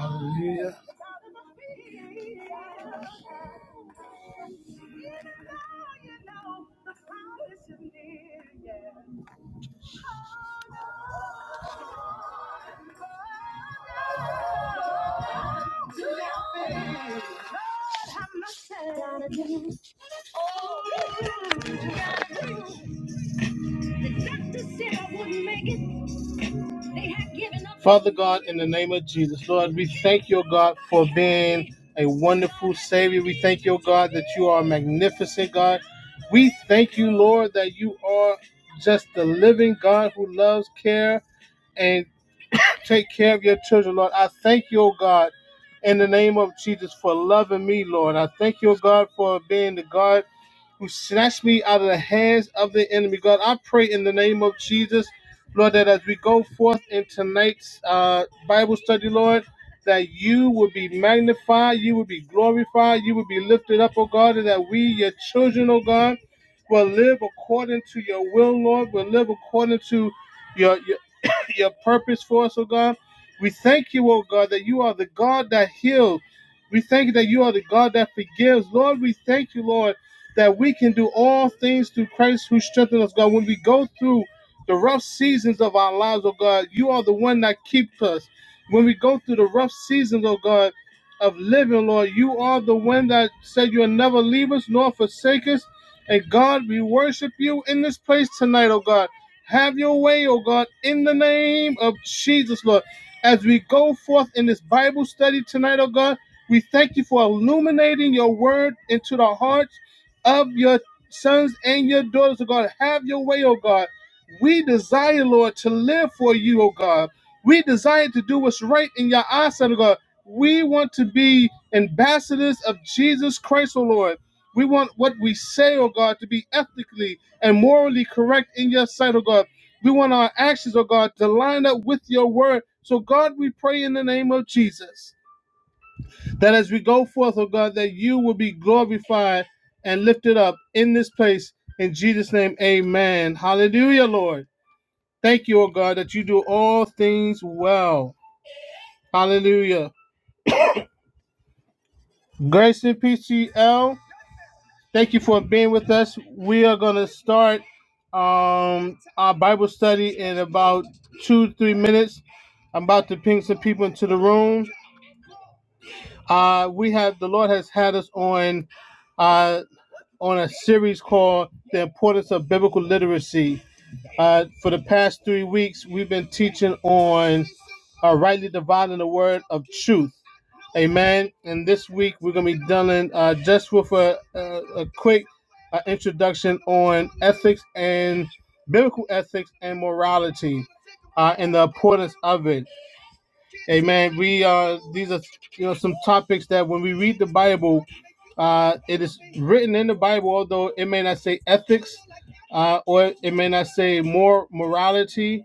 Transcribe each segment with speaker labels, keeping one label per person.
Speaker 1: Hallelujah. Father God, in the name of Jesus, Lord, we thank you, God, for being a wonderful Savior. We thank you, God, that you are magnificent, God. We thank you, Lord, that you are just the living God who loves, care, and take care of your children, Lord. I thank you, oh God, in the name of Jesus for loving me, Lord. I thank you, oh God, for being the God who snatched me out of the hands of the enemy. God, I pray in the name of Jesus, Lord, that as we go forth in tonight's uh, Bible study, Lord, that you will be magnified, you will be glorified, you will be lifted up, oh God, and that we, your children, oh God, will live according to your will, Lord, will live according to your, your your purpose for us, oh God. We thank you, oh God, that you are the God that heals. We thank you that you are the God that forgives. Lord, we thank you, Lord, that we can do all things through Christ who strengthens us, God. When we go through the rough seasons of our lives, oh God, you are the one that keeps us. When we go through the rough seasons, oh God, of living, Lord, you are the one that said you'll never leave us nor forsake us. And God, we worship you in this place tonight, oh God. Have your way, oh God, in the name of Jesus, Lord. As we go forth in this Bible study tonight, oh God, we thank you for illuminating your word into the hearts of your sons and your daughters, oh God. Have your way, oh God. We desire, Lord, to live for you, oh God. We desire to do what's right in your eyes, oh God. We want to be ambassadors of Jesus Christ, oh Lord. We want what we say, oh God, to be ethically and morally correct in your sight, oh God. We want our actions, oh God, to line up with your word. So, God, we pray in the name of Jesus that as we go forth, oh God, that you will be glorified and lifted up in this place. In Jesus' name, amen. Hallelujah, Lord. Thank you, oh God, that you do all things well. Hallelujah. Grace and peace to you, L. Thank you for being with us. We are going to start um, our Bible study in about two, three minutes. I'm about to ping some people into the room. Uh, we have the Lord has had us on uh, on a series called "The Importance of Biblical Literacy." Uh, for the past three weeks, we've been teaching on uh, rightly dividing the word of truth. Amen. And this week, we're going to be dealing uh, just with a, a, a quick uh, introduction on ethics and biblical ethics and morality uh, and the importance of it. Amen. We uh these are you know some topics that when we read the Bible, uh it is written in the Bible, although it may not say ethics, uh, or it may not say more morality.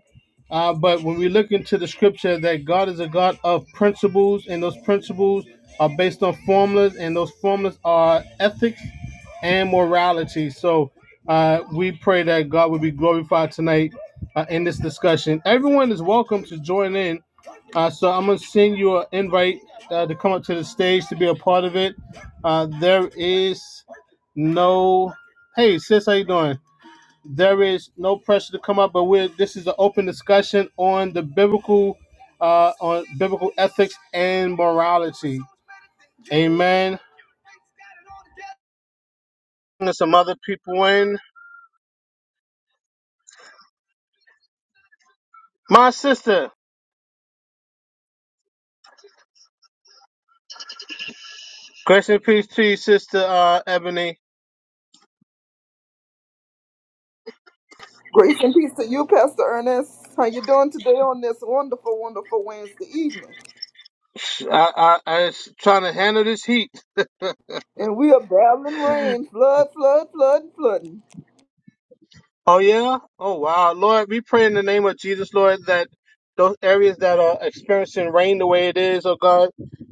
Speaker 1: Uh, but when we look into the scripture that God is a God of principles, and those principles are based on formulas, and those formulas are ethics and morality. So uh, we pray that God will be glorified tonight uh, in this discussion. Everyone is welcome to join in uh, so I'm gonna send you an invite uh, to come up to the stage to be a part of it. Uh, there is no, hey sis, how you doing? There is no pressure to come up, but we're this is an open discussion on the biblical, uh, on biblical ethics and morality. Amen. There's some other people in. My sister, grace and peace to you, sister uh, Ebony.
Speaker 2: Grace and peace to you, Pastor Ernest. How you doing today on this wonderful, wonderful Wednesday evening?
Speaker 1: I, I, I was trying to handle this heat.
Speaker 2: And we are battling rain, flood, flood, flood, and flooding.
Speaker 1: Oh yeah? Oh wow. Lord, we pray in the name of Jesus, Lord, that those areas that are experiencing rain the way it is, oh God,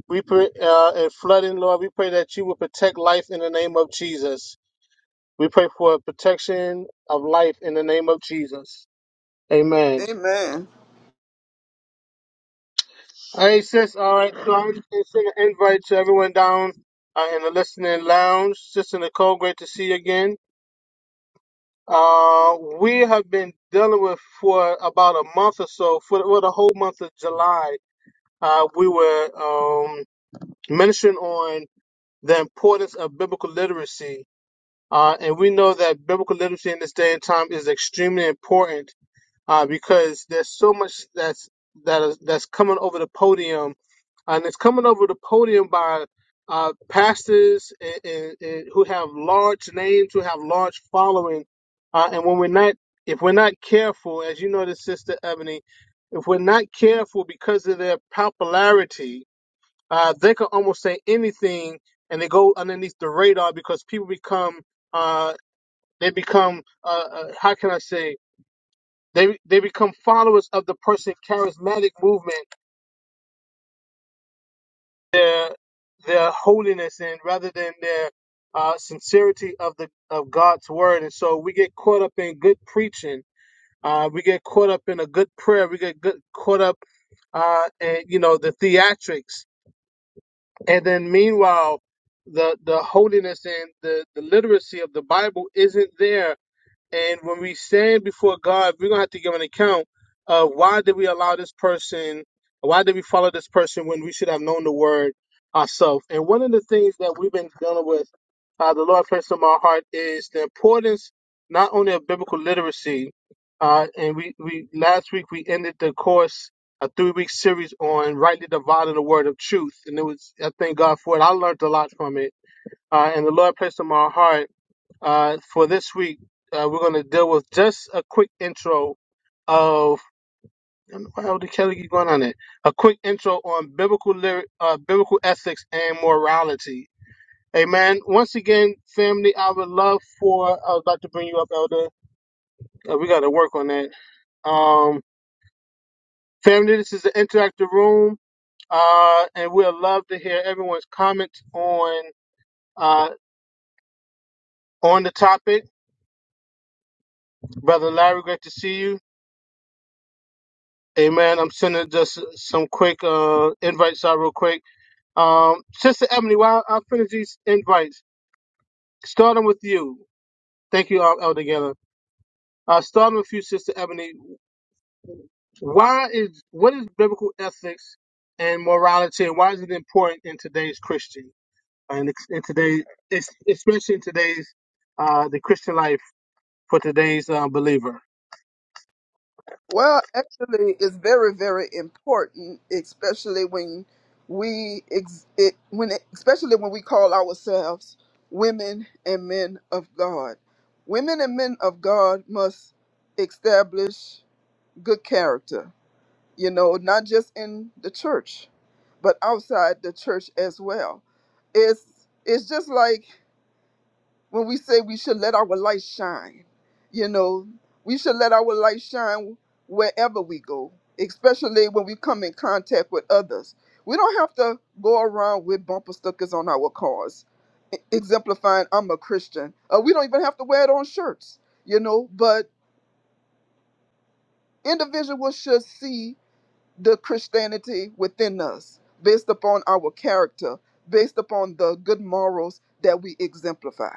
Speaker 1: we pray uh, and flooding, Lord, we pray that you will protect life in the name of Jesus. We pray for protection of life in the name of Jesus. Amen.
Speaker 2: Amen.
Speaker 1: Hey sis, all right. So I'm just gonna send an invite to everyone down uh, in the listening lounge. Sister Nicole, great to see you again. Uh, we have been dealing with for about a month or so, for well, the whole month of July. Uh, we were um, mentioning on the importance of biblical literacy. Uh, and we know that biblical literacy in this day and time is extremely important uh, because there's so much that's that is that's coming over the podium and it's coming over the podium by uh, pastors and, and, and who have large names, who have large following. Uh, and when we're not, if we're not careful, as you know, this sister Ebony, if we're not careful because of their popularity, uh, they can almost say anything, and they go underneath the radar because people become, uh, they become, uh, uh, how can I say, they they become followers of the person charismatic movement their their holiness in rather than their uh, sincerity of the of God's word. And so we get caught up in good preaching. Uh, we get caught up in a good prayer. We get good, caught up uh, in you know the theatrics. And then meanwhile, the the holiness and the the literacy of the Bible isn't there and when we stand before God, we're gonna have to give an account of why did we allow this person, why did we follow this person when we should have known the word ourselves. And one of the things that we've been dealing with, uh, the Lord placed in my heart is the importance not only of biblical literacy. Uh, and we, we last week we ended the course a three week series on rightly dividing the word of truth, and it was I thank God for it. I learned a lot from it, uh, and the Lord placed in my heart uh, for this week, uh, we're going to deal with just a quick intro of how did Kelly keep going on it? A quick intro on biblical lyric, uh, biblical ethics and morality. Amen. Once again, family, I would love for I was about to bring you up, Elder. Uh, we got to work on that. Um, family, this is the interactive room, uh, and we'd love to hear everyone's comments on uh, on the topic. Brother Larry, great to see you. Hey man, I'm sending just some quick uh invites out real quick. Um, Sister Ebony, while I finish these invites, starting with you. Thank you all, all together. Uh, starting with you, Sister Ebony. Why is what is biblical ethics and morality, and why is it important in today's Christian and ex- in today's, es- especially in today's uh the Christian life for today's uh, believer?
Speaker 2: Well, actually, it's very, very important, especially when we, ex- it, when it, especially when we call ourselves women and men of God. Women and men of God must establish good character you know, not just in the church, but outside the church as well. It's it's just like when we say we should let our light shine, you know, we should let our light shine wherever we go, especially when we come in contact with others. We don't have to go around with bumper stickers on our cars, e- exemplifying I'm a Christian. Uh, we don't even have to wear it on shirts, you know, but individuals should see the Christianity within us, based upon our character, based upon the good morals that we exemplify.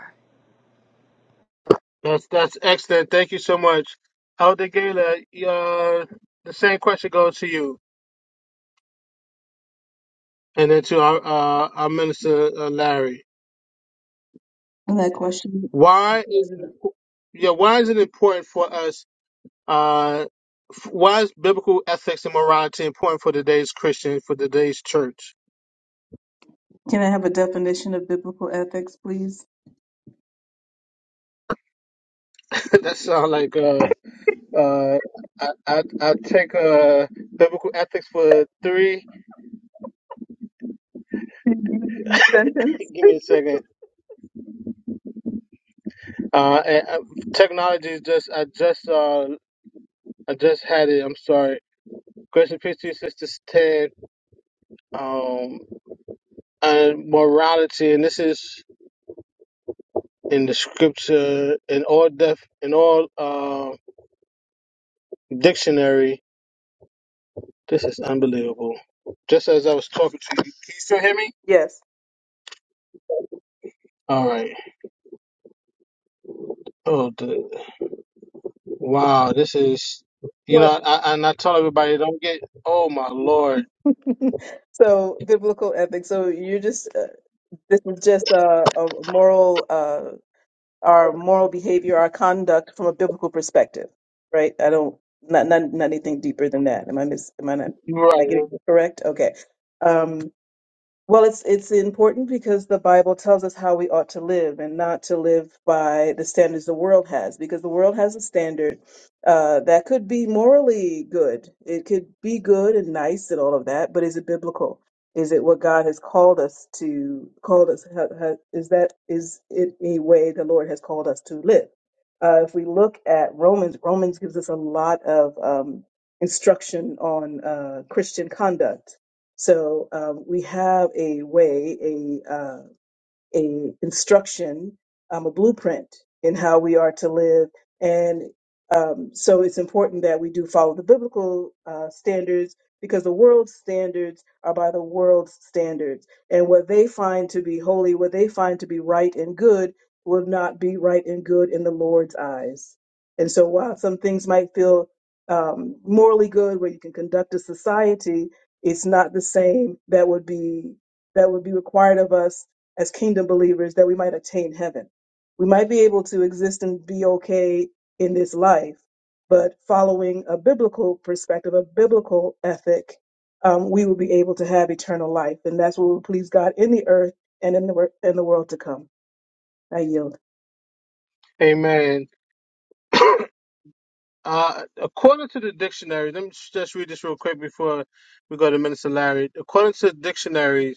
Speaker 1: That's that's excellent. Thank you so much, Elder Gala. Uh, the same question goes to you. and then to our uh, our minister uh, Larry.
Speaker 3: And that question,
Speaker 1: Why is it, impo- yeah? Why is it important for us? Uh, f- why is biblical ethics and morality important for today's Christian for today's church?
Speaker 3: can I have a definition of biblical ethics, please?
Speaker 1: that sounds like uh, uh, I, I I take uh biblical ethics for three.
Speaker 3: Can you give me a Sentence?
Speaker 1: Give me a second. Uh, and, uh technology is just I just uh I just had it. I'm sorry. Grace and peace to you, sister Ted. Um, and morality, and this is. in the scripture, in all def, in all uh, dictionary. This is unbelievable. Just as I was talking to you.
Speaker 3: Yes.
Speaker 1: All right. Oh, the, wow. This is, you know,
Speaker 3: What?
Speaker 1: I, and I tell everybody, don't get. Oh my lord.
Speaker 3: so biblical ethics. So you're just uh, this is just uh, a moral, uh, our moral behavior, our conduct from a biblical perspective, right? I don't not not, not anything deeper than that. Am I mis? Am I not?
Speaker 1: You're
Speaker 3: Am I
Speaker 1: right.
Speaker 3: getting it correct? Okay. Um, Well, it's it's important because the Bible tells us how we ought to live and not to live by the standards the world has, because the world has a standard uh, that could be morally good. It could be good and nice and all of that, but is it biblical? Is it what God has called us to called us? Ha, ha, is that is it a way the Lord has called us to live? Uh, if we look at Romans, Romans gives us a lot of um, instruction on uh, Christian conduct so um, we have a way, a uh, a instruction, um, a blueprint in how we are to live. And um, so it's important that we do follow the biblical uh, standards because the world's standards are by the world's standards. And what they find to be holy, what they find to be right and good, will not be right and good in the Lord's eyes. And so while some things might feel um, morally good where you can conduct a society, it's not the same that would be that would be required of us as kingdom believers that we might attain heaven. We might be able to exist and be okay in this life, but following a biblical perspective, a biblical ethic, um, we will be able to have eternal life, and that's what will please God in the earth and in the wor- in the world to come. I yield.
Speaker 1: Amen. Uh, according to the dictionary, let me just read this real quick before we go to Minister Larry. According to the dictionary,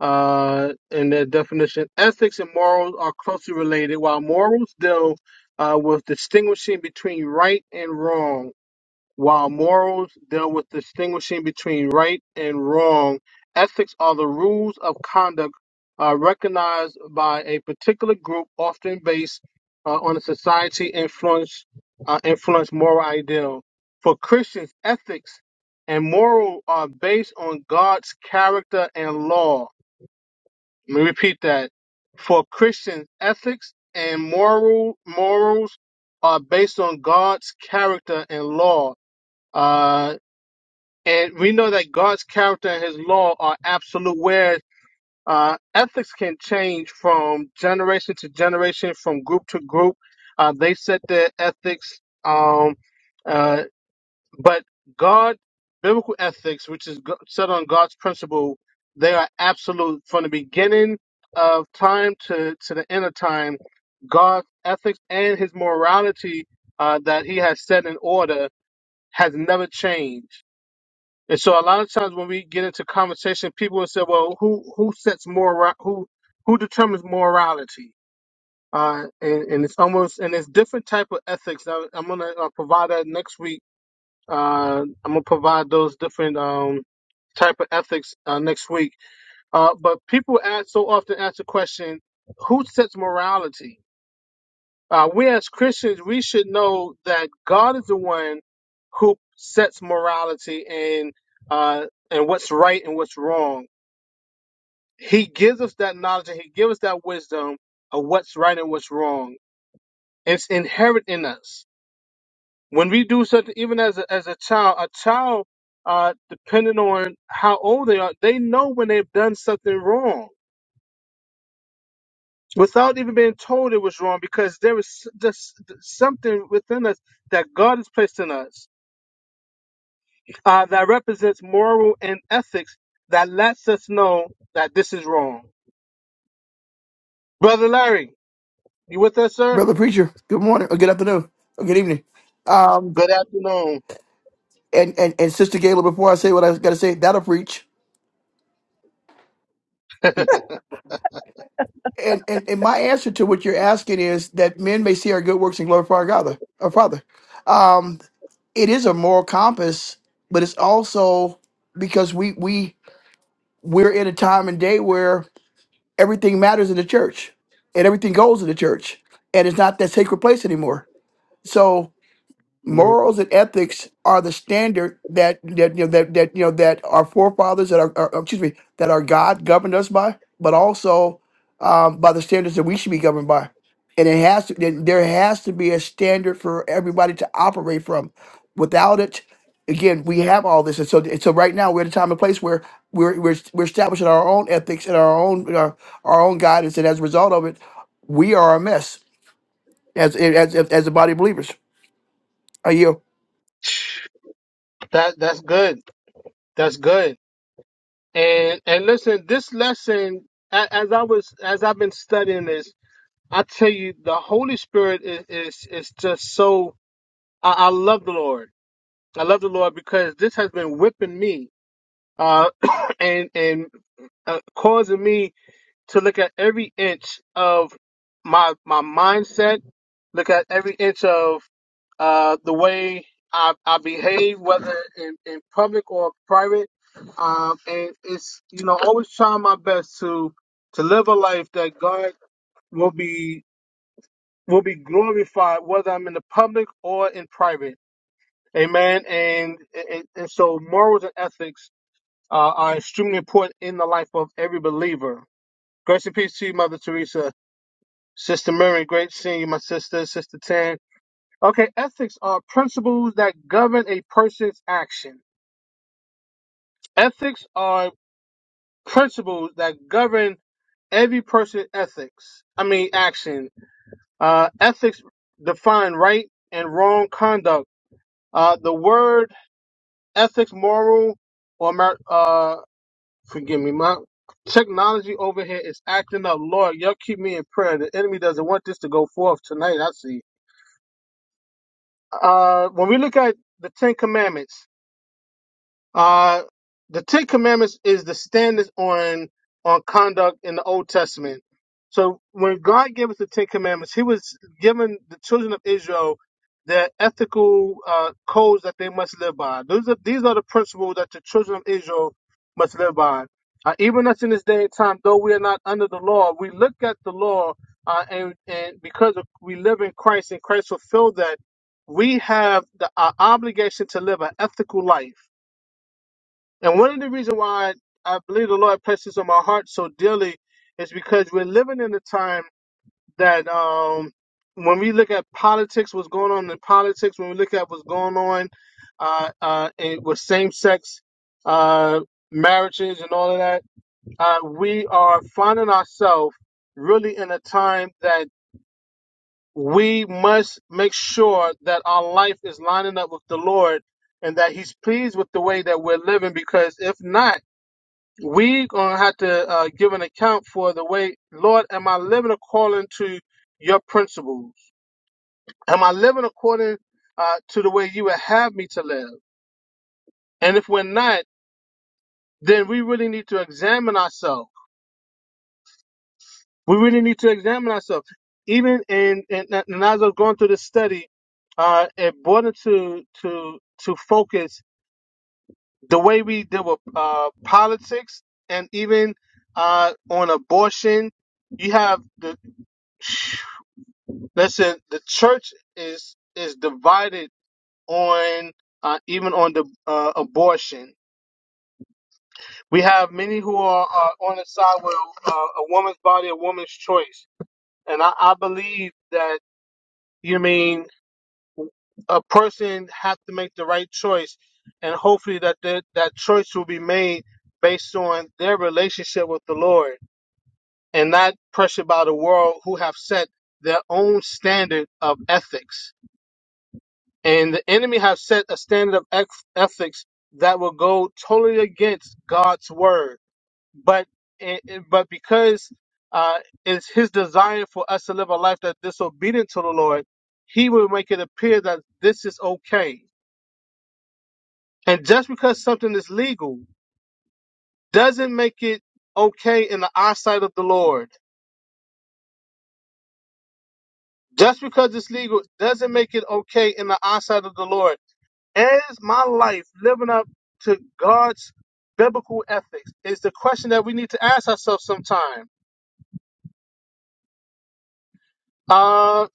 Speaker 1: uh, in their definition. Ethics and morals are closely related, while morals deal uh, with distinguishing between right and wrong. While morals deal with distinguishing between right and wrong, ethics are the rules of conduct uh, recognized by a particular group, often based uh, on a society influence uh, influence moral ideal. For Christians, ethics and moral are based on God's character and law let me repeat that. For Christians, ethics and moral morals are based on God's character and law. Uh, and we know that God's character and his law are absolute, whereas uh, ethics can change from generation to generation, from group to group. Uh, they set their ethics. Um, uh, but God, biblical ethics, which is go- set on God's principle, they are absolute from the beginning of time to, to the end of time. God's ethics and his morality uh, that he has set in order has never changed. And so, a lot of times when we get into conversation, people will say, "Well, who who sets moral? Who who determines morality?" Uh, and, and it's almost and it's different type of ethics. I, I'm gonna uh, provide that next week uh, I'm gonna provide those different um, type of ethics uh, next week. Uh, but people ask so often ask the question, who sets morality? Uh, we as Christians, we should know that God is the one who sets morality and uh, and what's right and what's wrong. He gives us that knowledge and He gives us that wisdom of what's right and what's wrong. It's inherent in us when we do such even as a, as a child a child uh depending on how old they are they know when they've done something wrong without even being told it was wrong because there is just something within us that god has placed in us uh, that represents moral and ethics that lets us know that this is wrong brother larry you with us sir
Speaker 4: brother preacher. Good morning or good afternoon or good evening. Um,
Speaker 1: good afternoon
Speaker 4: and and and sister Gayla, before I say what I got to say, that'll preach. And, and and my answer to what you're asking is that men may see our good works and glorify our God, our Father. Um, it is a moral compass, but it's also because we we we're in a time and day where everything matters in the church, and everything goes in the church, and it's not that sacred place anymore. So
Speaker 1: hmm
Speaker 4: morals and ethics are the standard that that you know that, that you know that our forefathers that are are- excuse me that our God governed us by, but also um, by the standards that we should be governed by. And it has to there there has to be a standard for everybody to operate from. Without it, again, we have all this, and so and so right now we're at a time and place where we're we're, we're establishing our own ethics and our own our, our own guidance, and as a result of it, we are a mess as as as, as a body of believers. Are you?
Speaker 1: that that's good that's good And and listen, this lesson, a- as I was as I've been studying this, I tell you, the Holy Spirit is is, is just so. I, I love the Lord. I love the Lord because this has been whipping me, uh, and and uh, causing me to look at every inch of my my mindset, look at every inch of uh, the way I, I behave, whether in, in public or private. Um, and it's, you know, always trying my best to, to live a life that God will be, will be glorified, whether I'm in the public or in private. Amen. And, and, and so morals and ethics uh, are extremely important in the life of every believer. Grace and peace to you, Mother Teresa, Sister Mary. Great seeing you, my sister, Sister Tan. Okay, ethics are principles that govern a person's action. Ethics are principles that govern every person's ethics. I mean, action. Uh, ethics define right and wrong conduct. Uh, the word ethics, moral, or mer- uh, forgive me, my technology over here is acting up. Lord, y'all keep me in prayer. The enemy doesn't want this to go forth tonight. I see. Uh, when we look at the Ten Commandments. Uh, the Ten Commandments is the standards on on conduct in the Old Testament. So when God gave us the Ten Commandments, He was giving the children of Israel their ethical uh, codes that they must live by. Those are these are the principles that the children of Israel must live by. Uh, even us in this day and time, though we are not under the law, we look at the law, uh, and and because of, we live in Christ and Christ fulfilled that, we have the, our obligation to live an ethical life and one of the reasons why I believe the Lord presses on my heart so dearly is because we're living in a time that um, when we look at politics, what's going on in politics, when we look at what's going on uh, uh, in, with same-sex uh, marriages and all of that, uh, we are finding ourselves really in a time that we must make sure that our life is lining up with the Lord and that He's pleased with the way that we're living. Because if not, we gonna have to uh, give an account for the way, Lord, am I living according to your principles? Am I living according uh, to the way you would have me to live? And if we're not, then we really need to examine ourselves. We really need to examine ourselves. Even in, in, and as I was going through this study, uh, it brought it to to to focus the way we deal with uh, politics and even uh, on abortion. You have the Listen, the church is is divided on uh, even on the uh, abortion. We have many who are uh, on the side with uh, a woman's body, a woman's choice, and I, I believe that you mean a person have to make the right choice, and hopefully that the, that choice will be made based on their relationship with the Lord, and not pressured by the world who have set their own standard of ethics And the enemy has set a standard of eth- ethics that will go totally against God's word. But it, it- but because uh, it's his desire for us to live a life that's disobedient to the Lord, he will make it appear that this is okay. And just because something is legal doesn't make it okay in the eyesight of the Lord. Just because it's legal doesn't make it okay in the eyesight of the Lord Is my life living up to God's biblical ethics? Is the question that we need to ask ourselves sometime. Uh,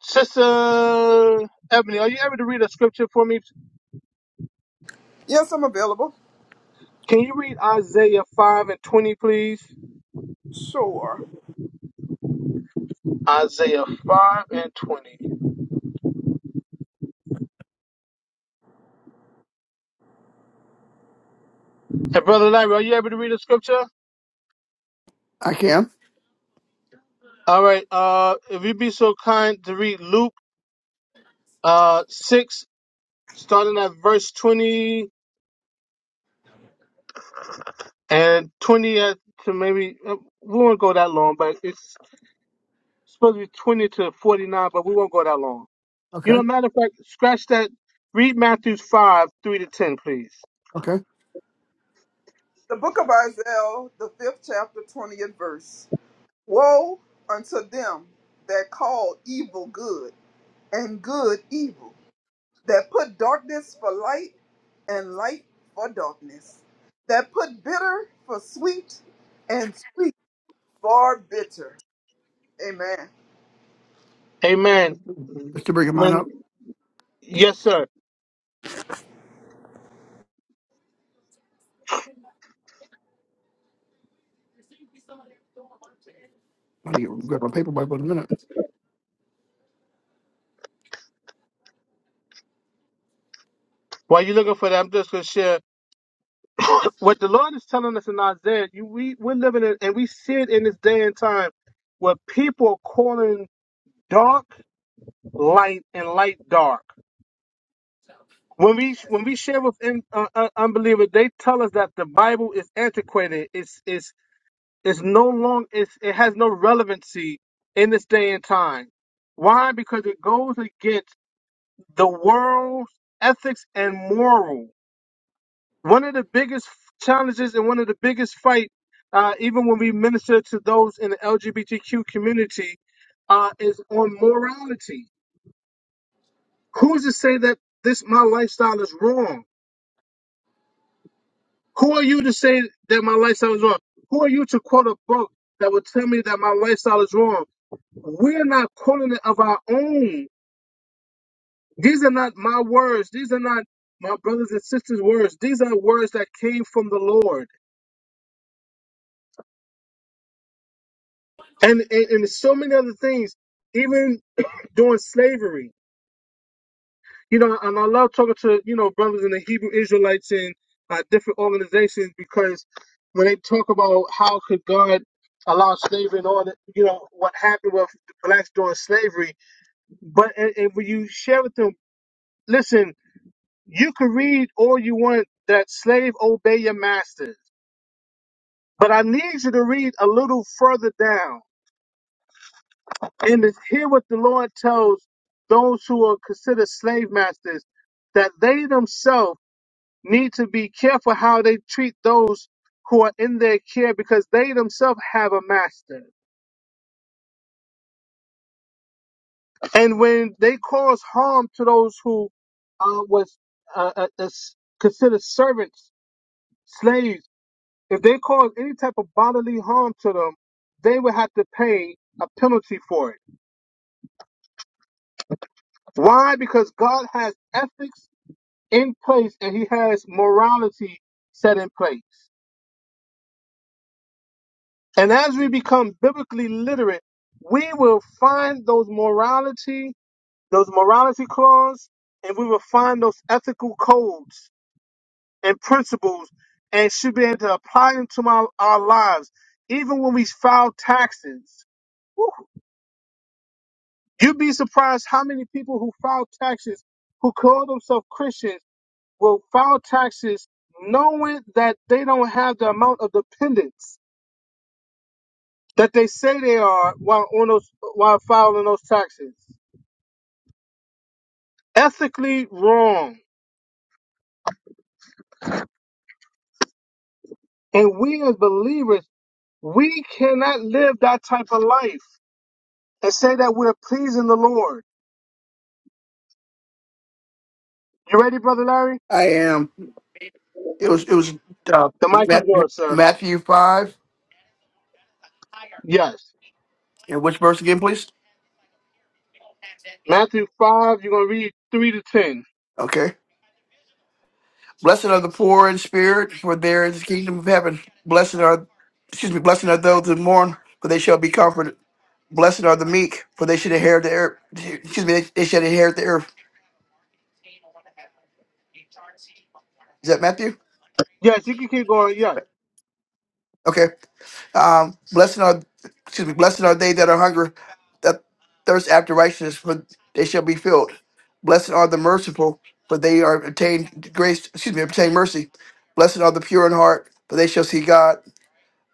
Speaker 1: Sister Ebony, are you able to read a scripture for me?
Speaker 2: Yes, I'm available.
Speaker 1: Can you read Isaiah 5 and 20, please?
Speaker 2: Sure.
Speaker 1: Isaiah 5 and 20. And Brother Larry, are you able to read a scripture?
Speaker 4: I can.
Speaker 1: All right. Uh, if you'd be so kind to read Luke uh, 6, starting at verse 20 and 20 at to maybe, uh, we won't go that long, but it's supposed to be 20 to 49, but we won't go that long. You
Speaker 4: Okay.
Speaker 1: know, matter of fact, scratch that. Read Matthew 5, 3 to 10, please.
Speaker 4: Okay.
Speaker 2: The book of Isaiah, the fifth chapter, 20th verse. Woe unto them that call evil good and good evil, that put darkness for light and light for darkness, that put bitter for sweet and sweet for bitter. Amen.
Speaker 1: Amen.
Speaker 4: Let's to bring
Speaker 1: When,
Speaker 4: mine up.
Speaker 1: yes, sir.
Speaker 4: I need to grab my paper Bible in a minute.
Speaker 1: While you're looking for that, I'm just going to share what the Lord is telling us in Isaiah. You, we, we're living in, and we see it in this day and time where people are calling dark light and light dark. When we when we share with in, uh, uh, unbelievers, they tell us that the Bible is antiquated. It's it's It's no long. It's, it has no relevancy in this day and time. Why? Because it goes against the world's ethics and moral. One of the biggest challenges and one of the biggest fight, uh, even when we minister to those in the LGBTQ community, uh, is on morality. Who's to say that this my lifestyle is wrong? Who are you to say that my lifestyle is wrong? Who are you to quote a book that would tell me that my lifestyle is wrong? We're not calling it of our own. These are not my words. These are not my brothers and sisters' words. These are words that came from the Lord. And, and, and so many other things, even during slavery. You know, and I love talking to, you know, brothers in the Hebrew Israelites and uh, different organizations because when they talk about how could God allow slavery and all that, you know, what happened with blacks during slavery. But and, and when you share with them, listen, you can read all you want that slave obey your masters. But I need you to read a little further down and to hear what the Lord tells those who are considered slave masters that they themselves need to be careful how they treat those who are in their care because they themselves have a master. And when they cause harm to those who uh, was uh, uh, uh, considered servants, slaves, If they cause any type of bodily harm to them, they would have to pay a penalty for it. Why? Because God has ethics in place and He has morality set in place. And as we become biblically literate, we will find those morality, those morality clause, and we will find those ethical codes and principles and should be able to apply them to our, our lives, even when we file taxes. You'd be surprised how many people who file taxes, who call themselves Christians, will file taxes knowing that they don't have the amount of dependents that they say they are while on those while filing those taxes. Ethically wrong. And we as believers, we cannot live that type of life and say that we're pleasing the Lord. You ready, brother Larry?
Speaker 4: I am. It was. It was uh,
Speaker 1: The mic is
Speaker 4: Matthew,
Speaker 1: yours, sir.
Speaker 4: Matthew five.
Speaker 1: Yes.
Speaker 4: And which verse again, please?
Speaker 1: Matthew five, you're gonna read three to ten.
Speaker 4: Okay. Blessed are the poor in spirit, for there is the kingdom of heaven. Blessed are, excuse me. Blessed are those who mourn, for they shall be comforted. Blessed are the meek, for they should inherit the earth. Excuse me. They, they shall inherit the earth. Is that Matthew?
Speaker 1: Yes, you can keep going. Yes.
Speaker 4: Okay. Um, blessed are excuse me, blessed are they that are hungry, that thirst after righteousness, for they shall be filled. Blessed are the merciful, for they are obtained grace. Excuse me, obtain mercy. Blessed are the pure in heart, for they shall see God.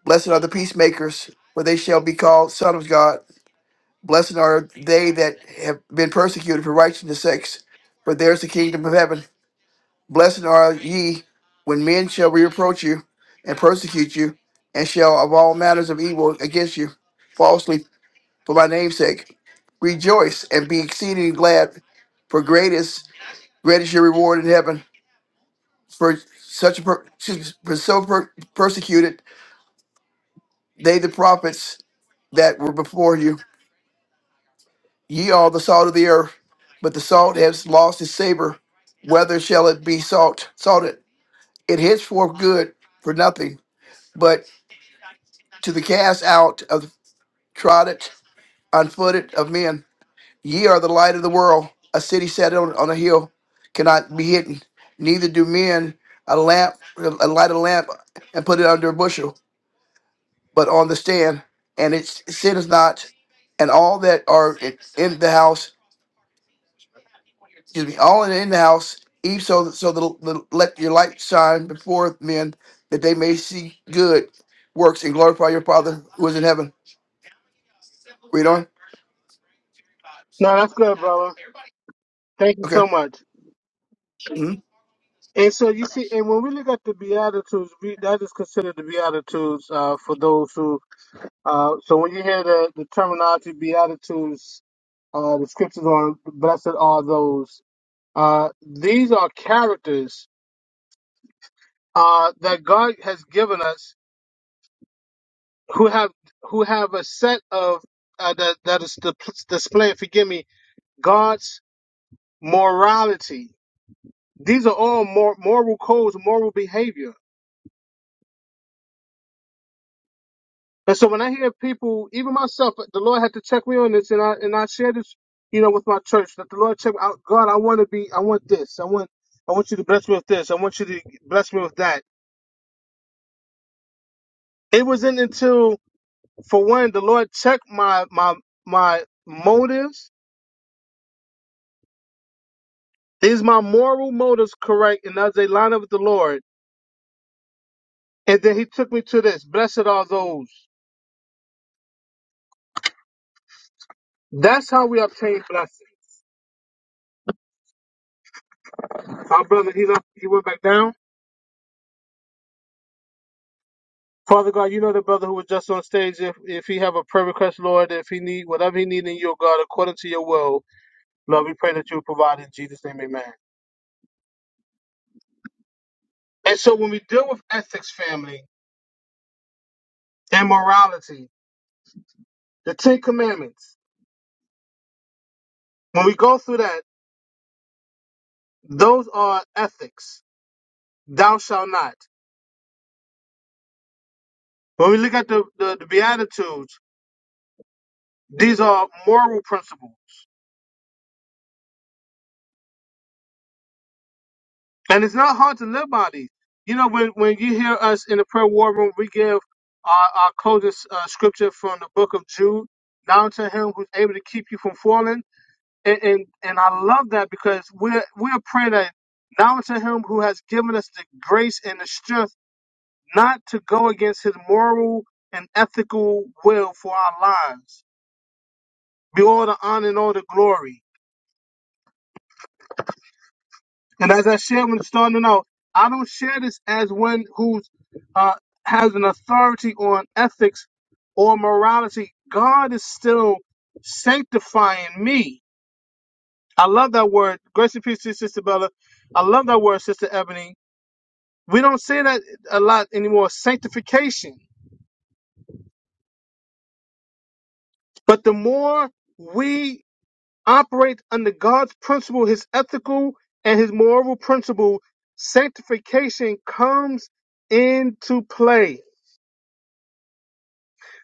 Speaker 4: Blessed are the peacemakers, for they shall be called sons of God. Blessed are they that have been persecuted for righteousness' sakes, for theirs is the kingdom of heaven. Blessed are ye when men shall reproach you and persecute you, and shall of all matters of evil against you falsely for my name's sake. Rejoice and be exceeding glad, for greatest greatest your reward in heaven. For such per, excuse me, for so per, persecuted they the prophets that were before you. Ye are the salt of the earth, but the salt has lost its savor. Whether shall it be salt salted? It henceforth good for nothing, but to the cast out of trodden on footed of men. Ye are the light of the world. A city set on, on a hill cannot be hidden. Neither do men a lamp a light a lamp and put it under a bushel, but on the stand, and it sitteth not. And all that are in in the house, excuse me, all in in the house, even so, so the, the, let your light shine before men, that they may see good works and glorify your Father who is in heaven. Read on.
Speaker 1: No, that's good, brother. Thank you
Speaker 4: Okay.
Speaker 1: so much.
Speaker 4: Hmm?
Speaker 1: And so you see, and when we look at the Beatitudes, we, that is considered the Beatitudes uh, for those who. Uh, so when you hear the, the terminology Beatitudes, uh, the scriptures on blessed are those. Uh, these are characters uh, that God has given us who have who have a set of uh, that that is the display. Forgive me, God's morality. These are all mor- moral codes, moral behavior And so when I hear people, even myself, the Lord had to check me on this, and I and I share this, you know, with my church that the Lord check out. God, I want to be, I want this, I want, I want you to bless me with this, I want you to bless me with that. It wasn't until, for one, the Lord checked my my my motives. Is my moral motives correct, and as they line up with the Lord? And then He took me to this. Blessed are those. That's how we obtain blessings. Our brother, he left. He went back down. Father God, you know the brother who was just on stage. If if he have a prayer request, Lord, if he need whatever he need in your God, according to your will, Lord, we pray that you provide in Jesus' name, Amen. And so when we deal with ethics, family, and morality, the Ten Commandments, when we go through that, those are ethics. Thou shalt not. When we look at the, the, the Beatitudes, these are moral principles. And it's not hard to live by these. You know, when, when you hear us in the prayer war room, we give our, our closing uh, scripture from the book of Jude, now to him who's able to keep you from falling. And, and, and I love that because we're, we're praying that now to him who has given us the grace and the strength not to go against his moral and ethical will for our lives. Be all the honor and all the glory. And as I shared when starting out, I don't share this as one who's uh, has an authority on ethics or morality. God is still sanctifying me. I love that word. Grace and peace to you, Sister Bella. I love that word, Sister Ebony. We don't say that a lot anymore, sanctification. But the more we operate under God's principle, his ethical and his moral principle, sanctification comes into play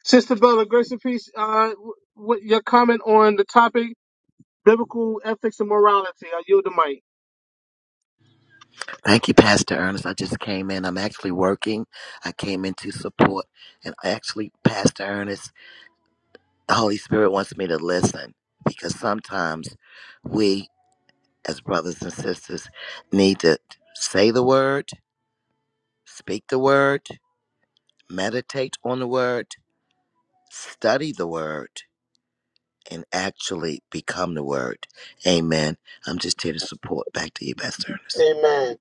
Speaker 1: Sister Bella, grace and peace. Uh, what your comment on the topic, biblical ethics and morality? I yield the mic.
Speaker 5: Thank you, Pastor Ernest. I just came in. I'm actually working. I came in to support. And actually, Pastor Ernest, the Holy Spirit wants me to listen because sometimes we, as brothers and sisters, need to say the word, speak the word, meditate on the word, study the word, and actually become the word. Amen. I'm just here to support. Back to you, Pastor Ernest.
Speaker 1: Amen.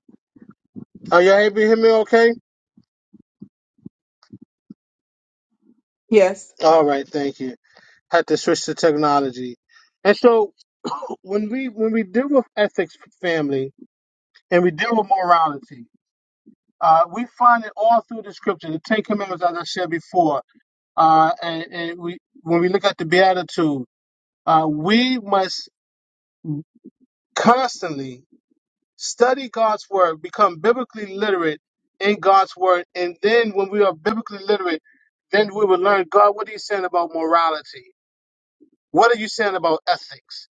Speaker 1: Are you able to hear me? Okay.
Speaker 3: Yes.
Speaker 1: All right. Thank you. Had to switch to technology, and so when we when we deal with ethics, family, and we deal with morality, uh, we find it all through the scripture. The Ten Commandments, as I said before, uh, and, and we when we look at the Beatitude, uh, we must constantly study God's word, become biblically literate in God's word, and then when we are biblically literate, then we will learn God, what are you saying about morality? What are you saying about ethics?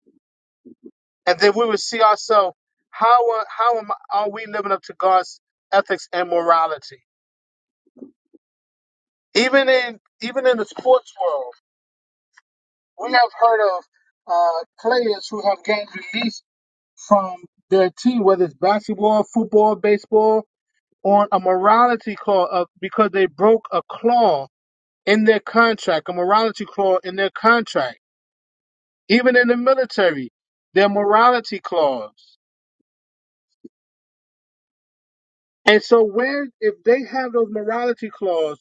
Speaker 1: And then we will see ourselves how are, how am I, are we living up to God's ethics and morality? Even in even in the sports world, we have heard of uh, players who have gotten released from their team, whether it's basketball, football, baseball, on a morality clause of, because they broke a clause in their contract, a morality clause in their contract, even in the military, their morality clause. And so, where if they have those morality clause,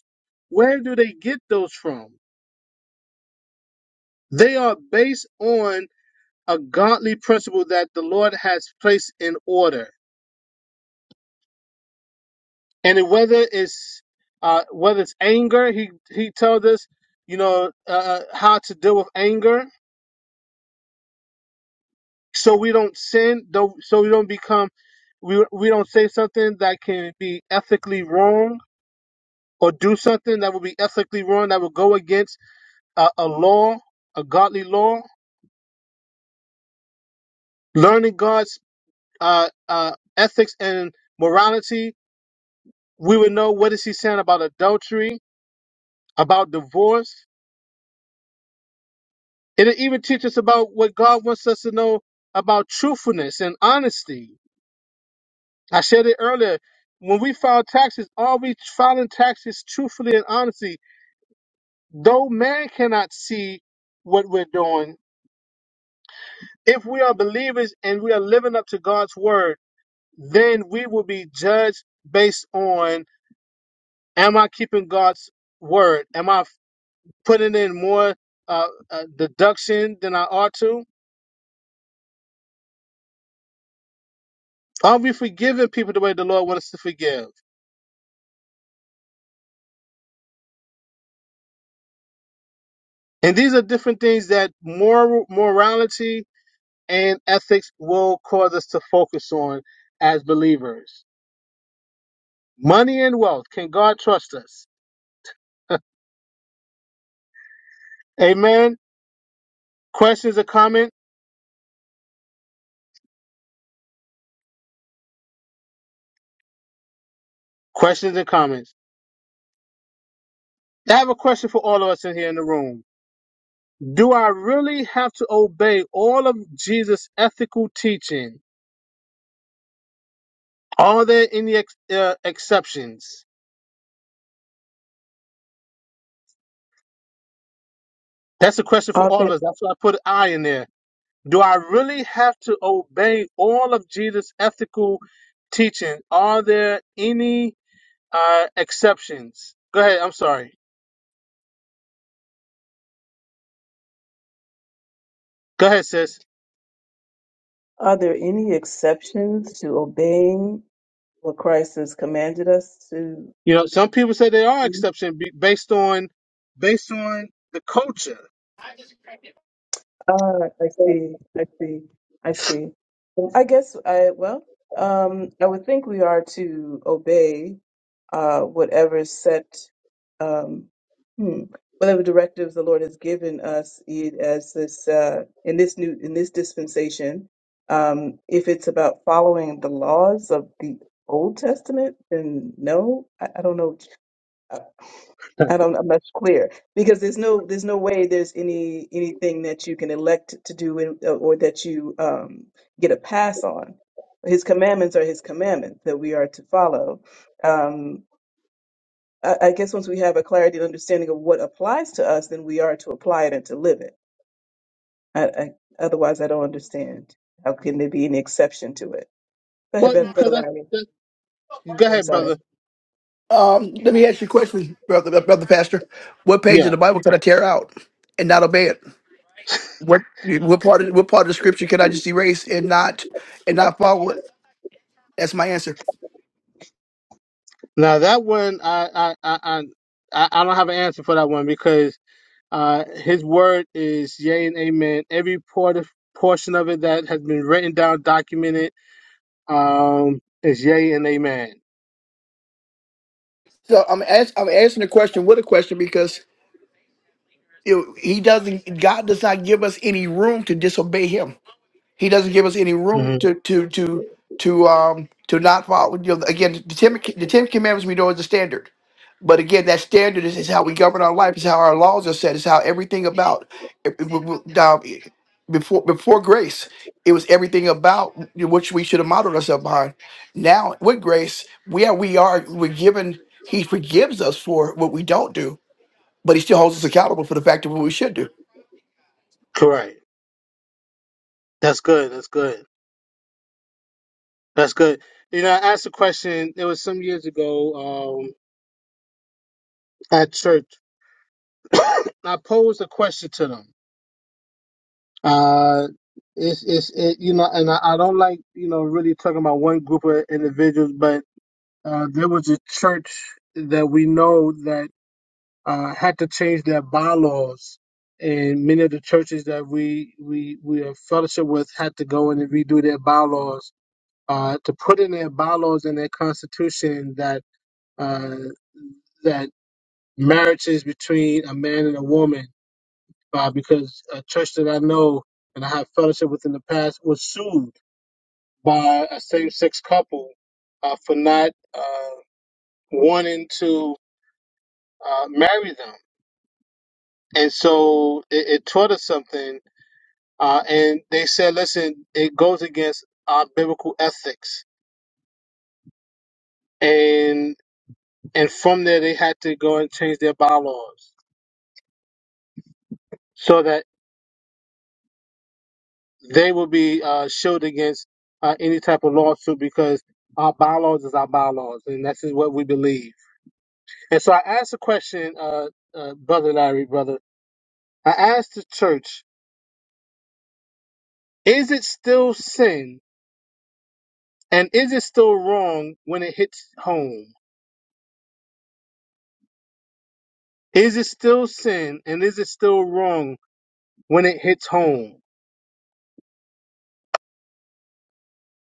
Speaker 1: where do they get those from? They are based on a godly principle that the Lord has placed in order, and whether it's uh, whether it's anger, he he tells us, you know, uh, uh, how to deal with anger so we don't sin though so we don't become we we don't say something that can be ethically wrong or do something that would be ethically wrong that would go against uh, a law a godly law learning god's uh, uh, ethics and morality we would know what is he saying about adultery about divorce it'll even teach us about what god wants us to know about truthfulness and honesty I said it earlier. When we file taxes, are we filing taxes truthfully and honestly? Though man cannot see what we're doing, if we are believers and we are living up to God's word, then we will be judged based on am I keeping God's word? Am I putting in more uh, uh, deduction than I ought to? Are we forgiving people the way the Lord wants us to forgive? And these are different things that moral morality and ethics will cause us to focus on as believers. Money and wealth. Can God trust us? Amen. Questions or comments? Questions and comments. I have a question for all of us in here in the room. Do I really have to obey all of Jesus' ethical teaching? Are there any ex- uh, exceptions? That's a question for
Speaker 3: Are
Speaker 1: all of
Speaker 3: there,
Speaker 1: us. That's why I put an I in there. Do I really have to obey all of Jesus' ethical teaching? Are there any uh, exceptions. Go ahead. I'm sorry. Go ahead, sis.
Speaker 3: are there any exceptions to obeying what Christ has commanded us to?
Speaker 1: You know, some people say they are
Speaker 3: do?
Speaker 1: exception be- based on based on the culture.
Speaker 3: Ah, I see. I see. I see. Um, I guess I, well, um, I would think we are to obey uh, whatever set, um, hmm, whatever directives the Lord has given us i- as this uh, in this new in this dispensation. Um, if it's about following the laws of the Old Testament, then no, I, I don't know. I don't know if that's clear because there's no there's no way there's any anything that you can elect to do in, uh, or that you um, get a pass on. His commandments are his commandments that we are to follow. Um, I, I guess once we have a clarity and understanding of what applies to us, then we are to apply it and to live it. I, I, otherwise, I don't understand. How can there be any exception to it? Go ahead,
Speaker 1: Well,
Speaker 3: Beth-
Speaker 1: because
Speaker 3: Brother
Speaker 1: that's,
Speaker 3: Larry.
Speaker 1: that. Go
Speaker 3: I'm
Speaker 1: ahead,
Speaker 3: sorry.
Speaker 1: brother.
Speaker 4: Um, let me ask you a question, brother, brother pastor. What page of
Speaker 1: Yeah.
Speaker 4: the Bible could I tear out and not obey it? What what part of what part of the scripture can I just erase and not and not follow it? That's my answer.
Speaker 1: Now that one, I I I I, I I don't have an answer for that one because uh, his word is yea and amen. Every part of, portion of it that has been written down, documented, um, is yea and amen.
Speaker 4: So I'm ask, I'm answering the question with a question because you know, he doesn't God does not give us any room to disobey him. He doesn't give us any room
Speaker 1: hmm
Speaker 4: to to to to um to not follow. You know, again, the ten the ten commandments we know is the standard, but again, that standard is, is how we govern our life, is how our laws are set, is how everything about it- it- w- um, it- before before grace, it was everything about which we should have modeled ourselves behind. Now with grace, we are we are we're given. He forgives us for what we don't do, but he still holds us accountable for the fact of what we should do.
Speaker 1: Correct. That's good. That's good. That's good. You know, I asked a question. It was some years ago um, at church. I posed a question to them. Uh, it's, it's, it, you know, and I, I don't like, you know, really talking about one group of individuals, but uh, there was a church that we know that uh, had to change their bylaws, and many of the churches that we we we are fellowship with had to go in and redo their bylaws uh, to put in their bylaws and their constitution that uh, that. marriages between a man and a woman uh, because a church that I know and I have fellowship with in the past was sued by a same sex couple uh, for not uh, wanting to uh, marry them. And so it, it taught us something. Uh, and they said, listen, it goes against our biblical ethics. And and from there, they had to go and change their bylaws so that. they will be uh, shielded against uh, any type of lawsuit because our bylaws is our bylaws, and that's just what we believe. And so I asked a question, uh, uh, brother Larry, brother. I asked the church, is it still sin, and is it still wrong when it hits home? Is it still sin, and is it still wrong when it hits home?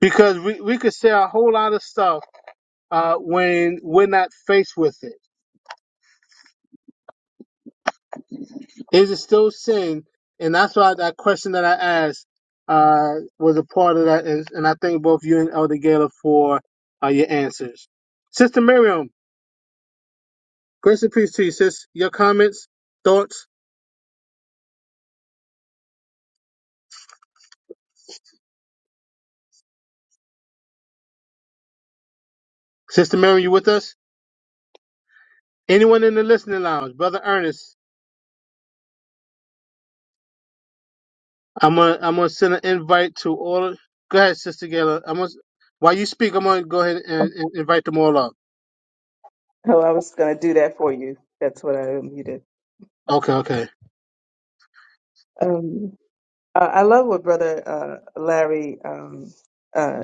Speaker 1: Because we, we could say a whole lot of stuff uh, when we're not faced with it. Is it still sin? And that's why that question that I asked uh, was a part of that. And, and I thank both you and Elder Gaylor for uh, your answers. Sister Miriam, grace and peace to you, sis. Your comments, thoughts. Sister Miriam, you with us? Anyone in the listening lounge? Brother Ernest, I'm gonna I'm gonna send an invite to all. Go ahead, Sister Gaylor. I'm gonna while you speak, I'm gonna go ahead and, and invite them all up.
Speaker 3: Oh, I was going to do that for you. That's what I muted.
Speaker 1: Okay, okay.
Speaker 3: Um, Uh, I love what Brother uh, Larry um, uh,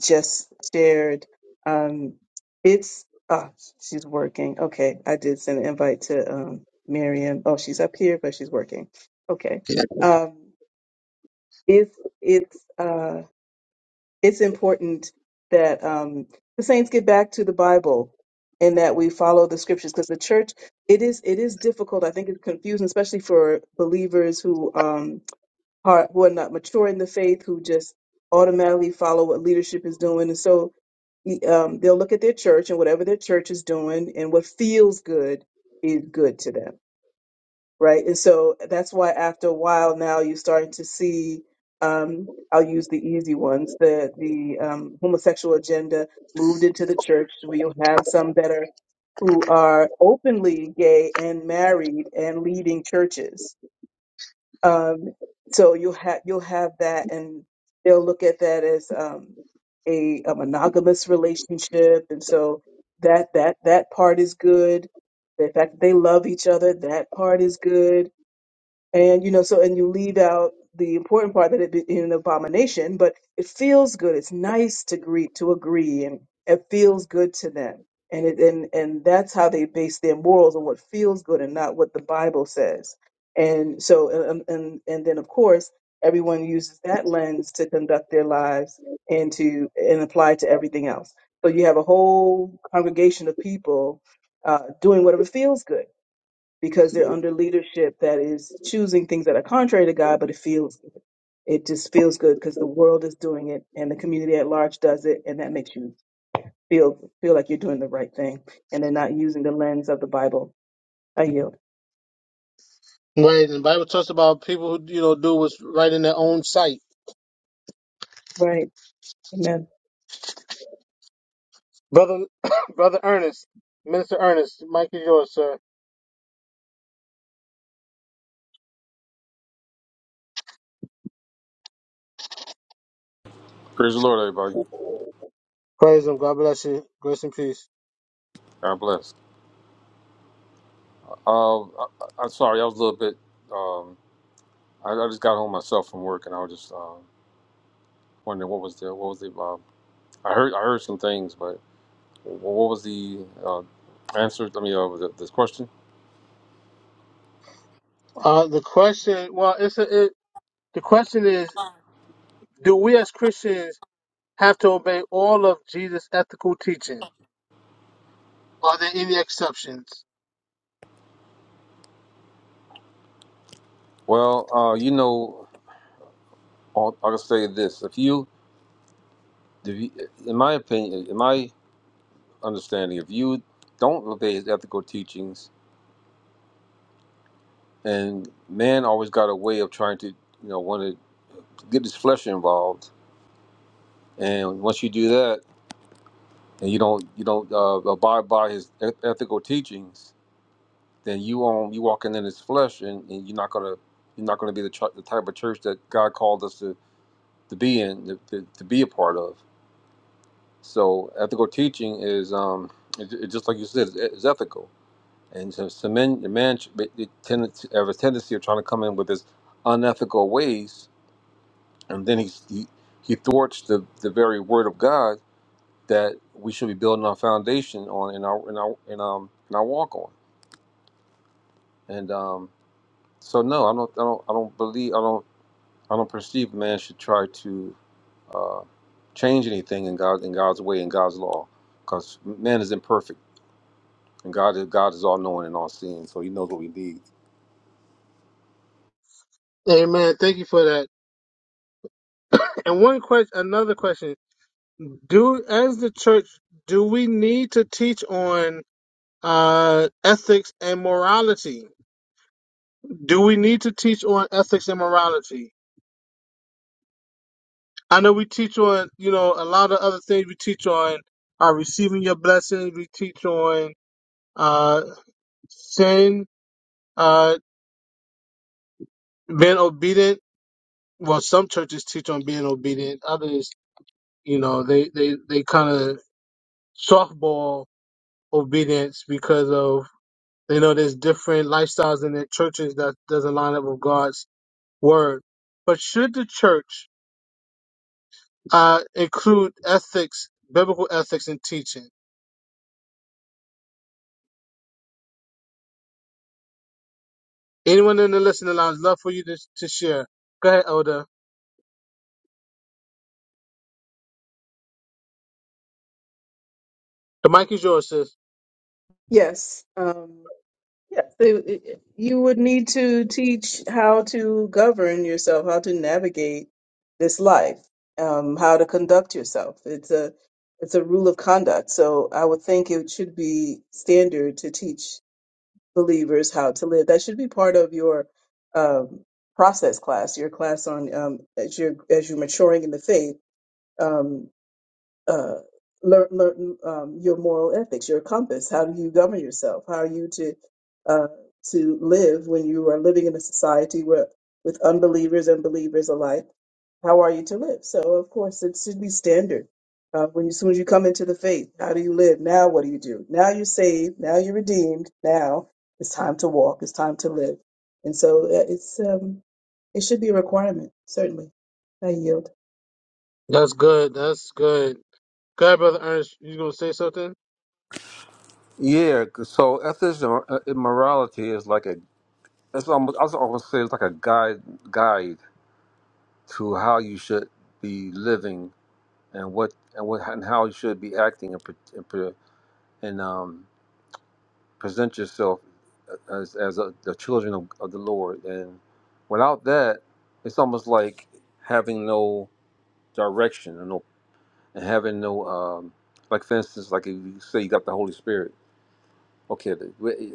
Speaker 3: just shared. Um, it's oh, she's working. Okay, I did send an invite to um, Miriam. Oh, she's up here, but she's working. Okay, um, it's it's uh, it's important that um, the saints get back to the Bible and that we follow the scriptures because the church it is it is difficult. I think it's confusing, especially for believers who. Um, heart, who are not mature in the faith, who just automatically follow what leadership is doing. And so e, um, they'll look at their church and whatever their church is doing and what feels good is good to them. Right. And so that's why after a while now you're starting to see, um, I'll use the easy ones, the, the um, homosexual agenda moved into the church where you'll have some that are who are openly gay and married and leading churches um, so you'll have you'll have that, and they'll look at that as um, a, a monogamous relationship, and so that that that part is good. The fact that they love each other, that part is good and you know so and you leave out the important part that it be an abomination but it feels good it's nice to greet, to agree and it feels good to them and it and and that's how they base their morals on what feels good and not what the bible says and so and and, and then of course everyone uses that lens to conduct their lives and to and apply it to everything else so you have a whole congregation of people uh, doing whatever feels good because they're under leadership that is choosing things that are contrary to God, but it feels it just feels good because the world is doing it and the community at large does it, and that makes you feel feel like you're doing the right thing, and they're not using the lens of the Bible. I yield.
Speaker 1: Right, and the Bible talks about people who you know do what's right in their own sight.
Speaker 3: Right. Amen.
Speaker 1: Brother, brother Ernest, Minister Ernest, Mike is yours, sir.
Speaker 6: Praise the Lord, everybody.
Speaker 1: Praise him. God bless you. Grace and peace.
Speaker 6: God bless. Uh, I, I, I'm sorry, I was a little bit. Um, I, I just got home myself from work, and I was just uh, wondering what was the what was the. Uh, I heard I heard some things, but what was the uh, answer? I mean, uh, th- this question.
Speaker 1: Uh, the question, well, it's a, it, the question is, do we as Christians have to obey all of Jesus' ethical teaching? Are there any exceptions?
Speaker 6: Well, uh, you know, I'll, I'll just say this: if you, if you, in my opinion, in my understanding, if you don't obey his ethical teachings, and man always got a way of trying to, you know, want to get his flesh involved, and once you do that and you don't you don't uh, abide by his eth- ethical teachings, then you on you walking in his flesh, and, and you're not gonna you're not gonna be the, ch- the type of church that God called us to, to be in to, to, to be a part of. So ethical teaching is um it, it just like you said it's it's ethical, and so, so men the man ch- it, it tend, to have a tendency of trying to come in with his unethical ways, and then he's, he he thwarts the the very word of God that we should be building our foundation on in our in our in um in our walk on. And um, so no, I don't I don't I don't believe I don't I don't perceive man should try to uh, change anything in God in God's way in God's law, because man is imperfect and God is God is all knowing and all seeing, so He knows what we need.
Speaker 1: Amen. Thank you for that. And one question, another question: Do as the church, do we need to teach on uh, ethics and morality? Do we need to teach on ethics and morality? I know we teach on, you know, a lot of other things we teach on uh, receiving your blessings. We teach on uh, sin, uh, being obedient. Well, some churches teach on being obedient. Others, you know, they, they, they kind of softball obedience because of, they know there's different lifestyles in their churches that doesn't line up with God's word. But should the church uh, include ethics, biblical ethics in teaching? Anyone in the listening lounge, love for you to, to share. Go ahead, Elder. The mic is yours, sis.
Speaker 3: Yes. Um, Yes, it- you would need to teach how to govern yourself, how to navigate this life, um, how to conduct yourself. It's a it's a rule of conduct. So I would think it should be standard to teach believers how to live. That should be part of your um, process class, your class on um, as you're as you're maturing in the faith. Um, uh, learn, learn um, your moral ethics, your compass. How do you govern yourself? How are you to uh, to live when you are living in a society where with unbelievers and believers alike? How are you to live? So, of course, it should be standard. Uh, when you, as soon as you come into the faith, how do you live? Now, what do you do? Now you're saved. Now you're redeemed. Now it's time to walk. It's time to live. And so uh, it's um, it should be a requirement, certainly. I yield.
Speaker 1: That's good. That's good. Go ahead, Brother Ernest. You gonna say something?
Speaker 6: Yeah. 'cause So ethics and uh, morality is like a it's almost I was almost say it's like a guide guide to how you should be living and what and what and how you should be acting and pre- and, pre- and um, present yourself uh, as as a, the children of, of the Lord. And without that, it's almost like having no direction and no and having no um, like for instance, like if you say you got the Holy Spirit. Okay, the, we-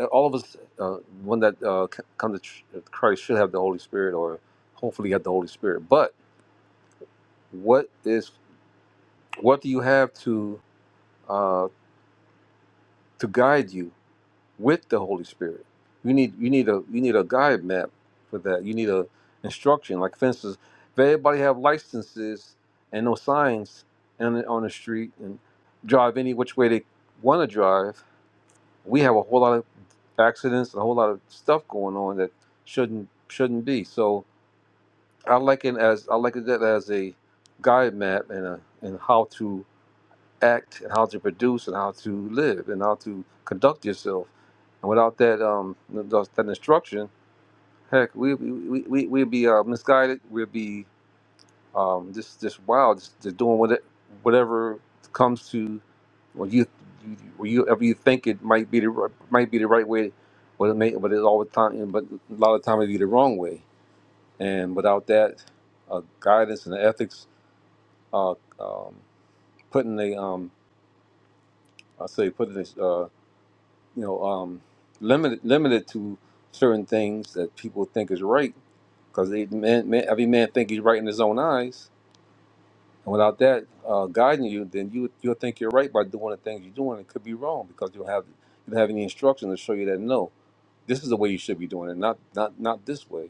Speaker 6: uh, all of us, uh, one that uh, c- come to tr- uh, Christ should have the Holy Spirit, or hopefully have the Holy Spirit. But what is what do you have to uh, to guide you? with the Holy Spirit. You need you need a you need a guide map for that. You need a instruction. Like for instance, if everybody have licenses and no signs and on the street and drive any which way they want to drive, we have a whole lot of accidents and a whole lot of stuff going on that shouldn't shouldn't be. So I like it as I like it as a guide map and a and how to act and how to produce and how to live and how to conduct yourself. And without that um those- that instruction, heck, we we we we- would be uh, misguided. We'd be um just just wild, just, just doing what whatever comes to what you you- what you ever you think it might be the ri- might be the right way, but it may but it's all the time but a lot of time it be the wrong way. And without that uh, guidance and ethics, uh, um, putting a um I say putting this. you know, um, limited limited to certain things that people think is right because they man, man, every man think he's right in his own eyes, and without that uh, guiding you, then you you'll think you're right by doing the things you're doing. It could be wrong because you don't have you don't have any instruction to show you that no, this is the way you should be doing it, not not not this way.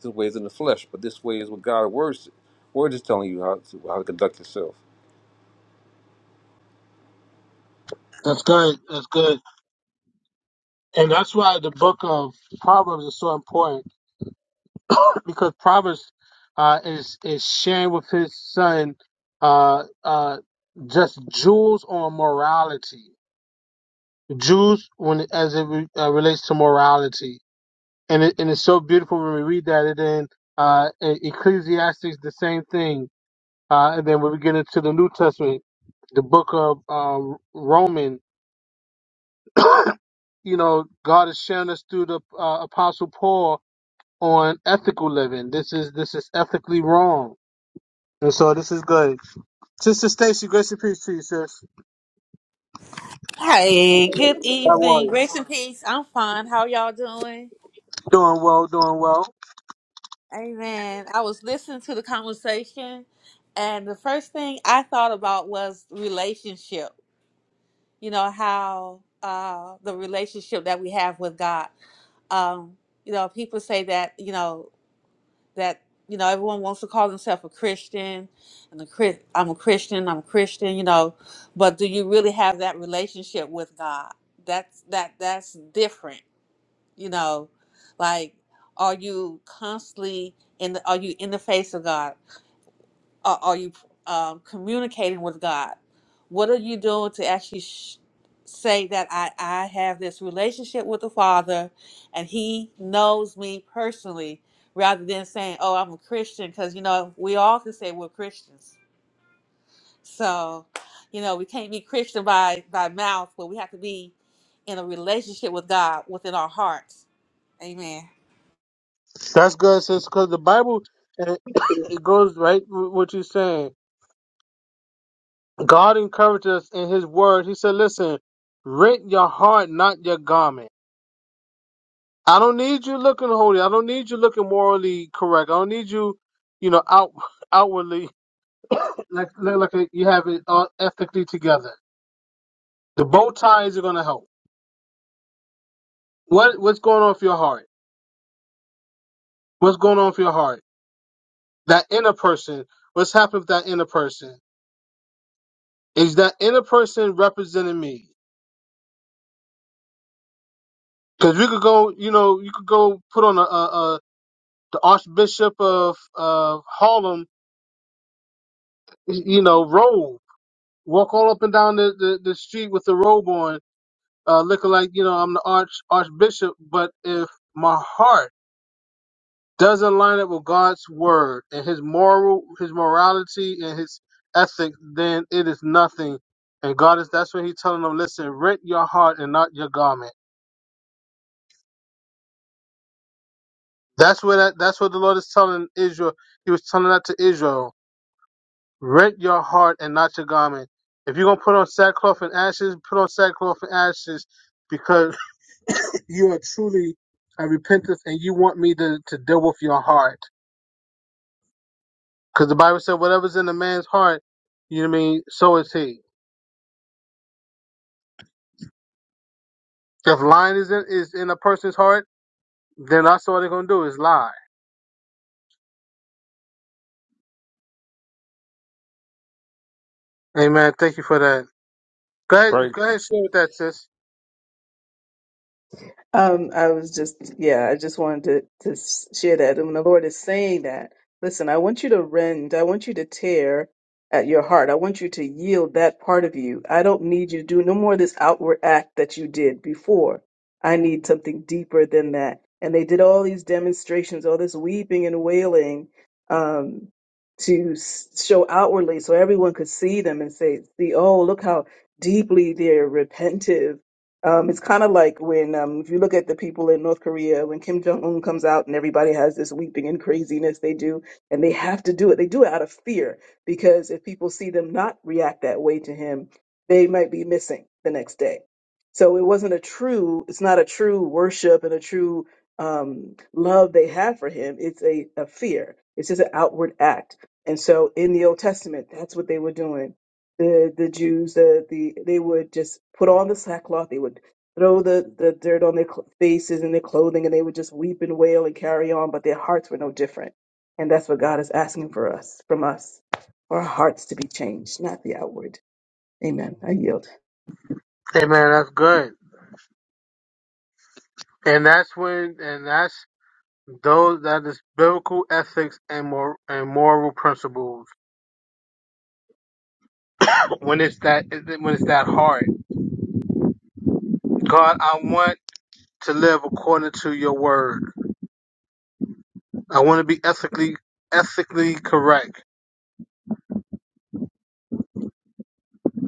Speaker 6: This way is in the flesh, but this way is what God's words word is telling you how to how to conduct yourself,
Speaker 1: That's good. That's good. And that's why the book of Proverbs is so important because Proverbs uh, is is sharing with his son uh, uh, just jewels on morality. Jewels when as it re, uh, relates to morality, and it, and it's so beautiful when we read that. And then uh, in Ecclesiastes, the same thing Uh, and then when we get into the New Testament, the book of um, Roman, you know, God is sharing us through the uh, Apostle Paul on ethical living. This is this is ethically wrong, and so this is good. Sister Stacy, grace and peace to you, sis.
Speaker 7: Hey, good
Speaker 1: How are
Speaker 7: evening.
Speaker 1: you?
Speaker 7: Grace and peace. I'm fine. How y'all doing?
Speaker 1: Doing well, doing well.
Speaker 7: Amen. I was listening to the conversation, and the first thing I thought about was relationship. You know, how uh, the relationship that we have with God. Um, you know, people say that, you know, that, you know, everyone wants to call themselves a Christian, and a Chris, I'm a Christian, I'm a Christian, you know, but do you really have that relationship with God? That's that that's different you know like are you constantly in the, are you in the face of god are, are you um, communicating with god what are you doing to actually sh- say that I, I have this relationship with the father and he knows me personally rather than saying oh i'm a christian because you know we all can say we're christians so you know we can't be christian by by mouth but we have to be in a relationship with god within our hearts amen
Speaker 1: That's good, sis, because the Bible it, it goes right with what you're saying. God encourages us in His Word. He said, "Listen, rent your heart, not your garment." I don't need you looking holy. I don't need you looking morally correct. I don't need you, you know, out outwardly like look like you have it all ethically together. The bow ties are gonna help. What what's going on for your heart? What's going on for your heart? That inner person. What's happening with that inner person? Is that inner person representing me? Because you could go, you know, you could go put on a, a, a the Archbishop of of Harlem, you know, robe, walk all up and down the, the, the street with the robe on uh, looking like you know I'm the arch archbishop, but if my heart doesn't line up with God's word and His moral, His morality and His ethics, then it is nothing. And God is that's what He's telling them. Listen, rent your heart and not your garment. That's what that, that's what the Lord is telling Israel. He was telling that to Israel. Rent your heart and not your garment. If you're gonna put on sackcloth and ashes, put on sackcloth and ashes because you are truly a repentance and you want me to, to deal with your heart. Because the Bible said, whatever's in a man's heart, you know what I mean, so is he. If lying is in, is in a person's heart, then that's all they're going to do is lie. Amen. Thank you for that. Go ahead,
Speaker 6: right?
Speaker 1: go ahead and share with that, sis.
Speaker 3: Um, I was just, yeah, I just wanted to, to s- share that. And when the Lord is saying that, listen, I want you to rend, I want you to tear at your heart. I want you to yield that part of you. I don't need you to do no more of this outward act that you did before. I need something deeper than that. And they did all these demonstrations, all this weeping and wailing, um, to s- show outwardly so everyone could see them and say, see, oh, look how deeply they're repentive um, it's kind of like when, um, if you look at the people in North Korea, when Kim Jong Un comes out and everybody has this weeping and craziness they do, and they have to do it. They do it out of fear because if people see them not react that way to him, they might be missing the next day. So it wasn't a true, it's not a true worship and a true um, love they have for him. It's a, a fear, it's just an outward act. And so in the Old Testament, that's what they were doing the the Jews, the, the they would just put on the sackcloth, they would throw the, the dirt on their cl- faces and their clothing, and they would just weep and wail and carry on, but their hearts were no different. And that's what God is asking for us, from us, for our hearts to be changed, not the outward. Amen. I yield.
Speaker 1: Amen. That's good. And that's when, and that's those, that is biblical ethics and, mor- and moral principles. When it's that, when it's that hard. God, I want to live according to your word. I want to be ethically ethically correct.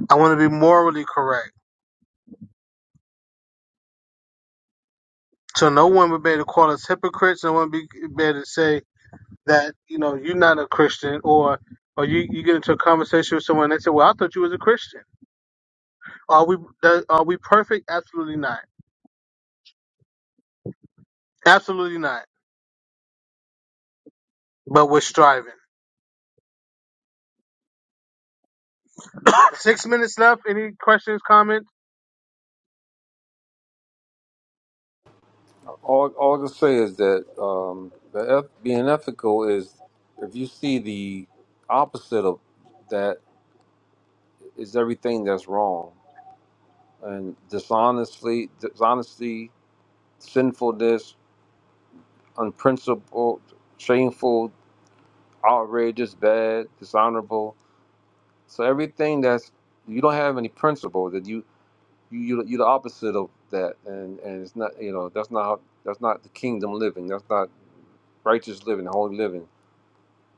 Speaker 1: I want to be morally correct. So no one would be able to call us hypocrites. No one be, be able to say that you know you're not a Christian or or you, you get into a conversation with someone and they say, well, I thought you was a Christian. Are we are we perfect? Absolutely not. Absolutely not. But we're striving. Six minutes left. Any questions, comments?
Speaker 6: All, all I can say is that um, the eth- being ethical is if you see the opposite of that is everything that's wrong and dishonestly, dishonesty, sinfulness, unprincipled, shameful, outrageous, bad, dishonorable. So everything that's you don't have any principle that you you you you're the opposite of that, and and it's not you know that's not how, that's not the kingdom living. That's not righteous living, holy living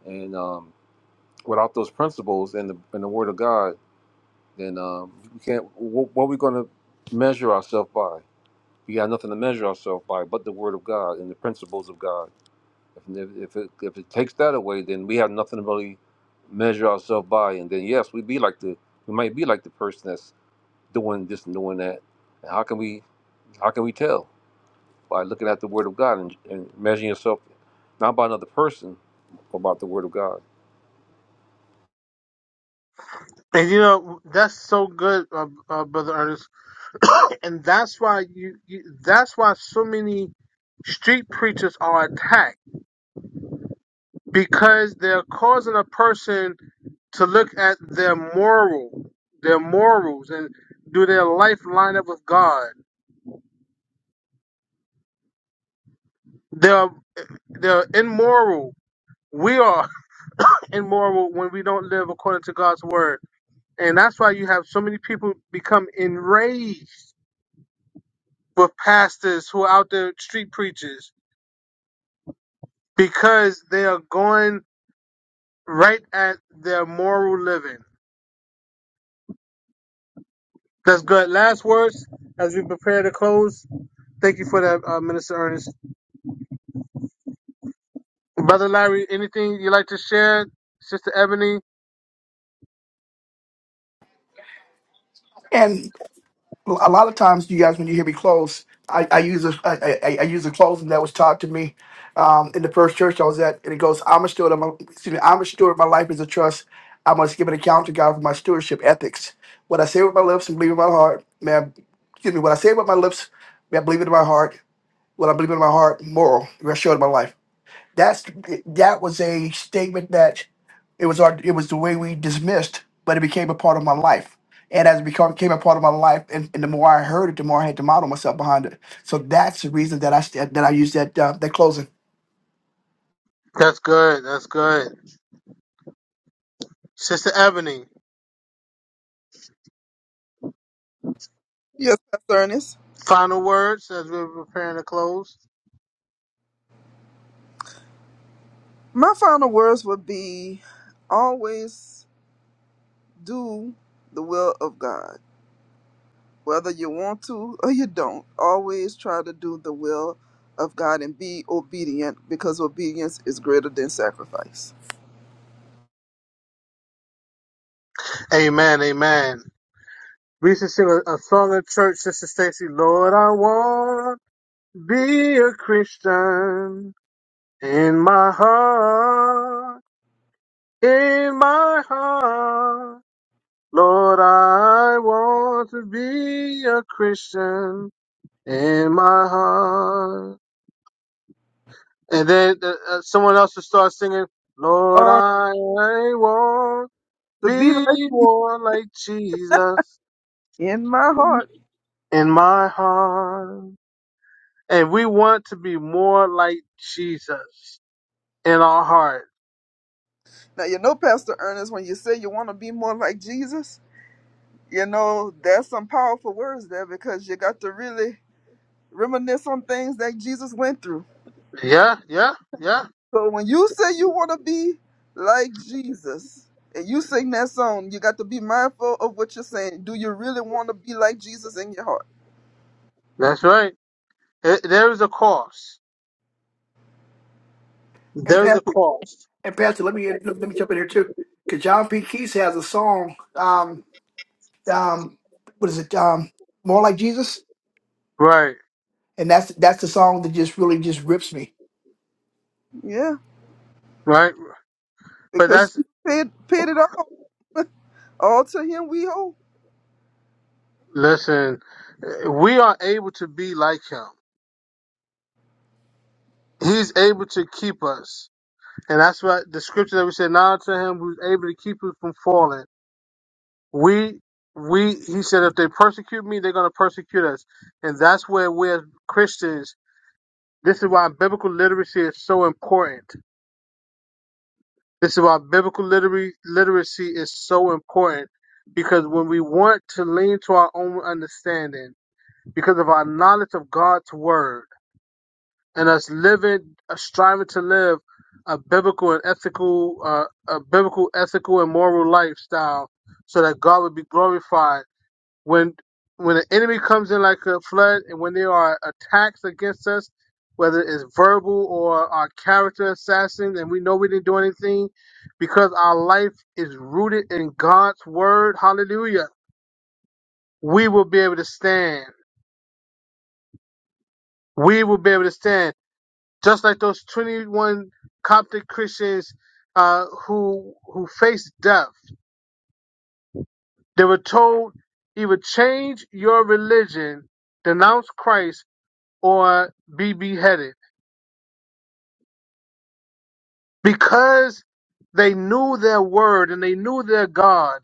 Speaker 6: and um, without those principles and the and the Word of God, then um, we can't. What, what are we going to measure ourselves by? We got nothing to measure ourselves by but the Word of God and the principles of God. If if if it, if it takes that away, then we have nothing to really measure ourselves by. And then yes, we be like the we might be like the person that's doing this and doing that. And how can we how can we tell by looking at the Word of God and, and measuring yourself not by another person, but by the Word of God?
Speaker 1: And you know that's so good, uh, uh, brother Ernest. and that's why you, you that's why so many street preachers are attacked because they're causing a person to look at their moral their morals and do their life line up with god they're they're immoral we are immoral when we don't live according to god's word and that's why you have so many people become enraged with pastors who are out there street preachers because they are going right at their moral living. That's good. Last words as we prepare to close. Thank you for that, uh, Minister Ernest. Brother Larry, anything you like to share? Sister Ebony?
Speaker 4: Well, a lot of times, you guys, when you hear me close, I, I use a I, I, I use a closing that was taught to me um, in the first church I was at, and it goes, "I'm a steward. Of my, excuse me, I'm a steward. My life is a trust. I must give an account to God for my stewardship ethics. What I say with my lips and believe in my heart, man. Excuse me. What I say with my lips, may I believe it in my heart. What I believe in my heart, moral. Rest assured in my life. That's that was a statement that it was our it was the way we dismissed, but it became a part of my life. And as it become, became a part of my life, and, and the more I heard it, the more I had to model myself behind it. So that's the reason that I st- that I used that uh, that closing.
Speaker 1: That's good. That's good. Sister Ebony,
Speaker 2: Yes, Pastor Ernest.
Speaker 1: final words as we're preparing to close.
Speaker 2: My final words would be always do the will of God. Whether you want to or you don't, always try to do the will of God and be obedient because obedience is greater than sacrifice.
Speaker 1: Amen. Amen. We should sing a, a song at church, Sister Stacy. Lord, I want to be a Christian in my heart, in my heart. Lord, I want to be a Christian in my heart. And then uh, uh, someone else will start singing, Lord,
Speaker 2: Lord,
Speaker 1: I want
Speaker 2: to be
Speaker 1: to
Speaker 2: like
Speaker 1: be more like Jesus
Speaker 2: in my heart.
Speaker 1: in my heart. And we want to be more like Jesus in our heart.
Speaker 2: Now, you know, Pastor Ernest, when you say you want to be more like Jesus, you know, there's some powerful words there because you got to really reminisce on things that Jesus went through.
Speaker 1: Yeah, yeah, yeah.
Speaker 2: So when you say you want to be like Jesus and you sing that song, you got to be mindful of what you're saying. Do you really want to be like Jesus in your heart?
Speaker 1: That's right. It, there is a cost.
Speaker 4: And
Speaker 1: There is a
Speaker 4: Pastor,
Speaker 1: cost.
Speaker 4: and Pastor, let me let me jump in here too, because John P. Keese has a song. Um, um, what is it? Um, more like Jesus,
Speaker 1: Right,
Speaker 4: and that's that's the song that just really just rips me.
Speaker 2: Yeah,
Speaker 1: right. But that's
Speaker 2: because you paid, paid it all. All to him we owe.
Speaker 1: Listen, we are able to be like him. He's able to keep us. And that's what the scripture that we said, now to him who's able to keep us from falling. We we he said if they persecute me, they're gonna persecute us. And that's where we as Christians, this is why biblical literacy is so important. This is why biblical literary literacy is so important. Because when we want to lean to our own understanding, because of our knowledge of God's word, and us living, uh, striving to live a biblical and ethical, uh, a biblical, ethical and moral lifestyle, so that God would be glorified. When when the enemy comes in like a flood, and when there are attacks against us, whether it's verbal or our character assassins, and we know we didn't do anything, because our life is rooted in God's word. Hallelujah. We will be able to stand. We will be able to stand just like those 21 Coptic Christians uh, who who faced death. They were told either change your religion, denounce Christ, or be beheaded because they knew their word and they knew their God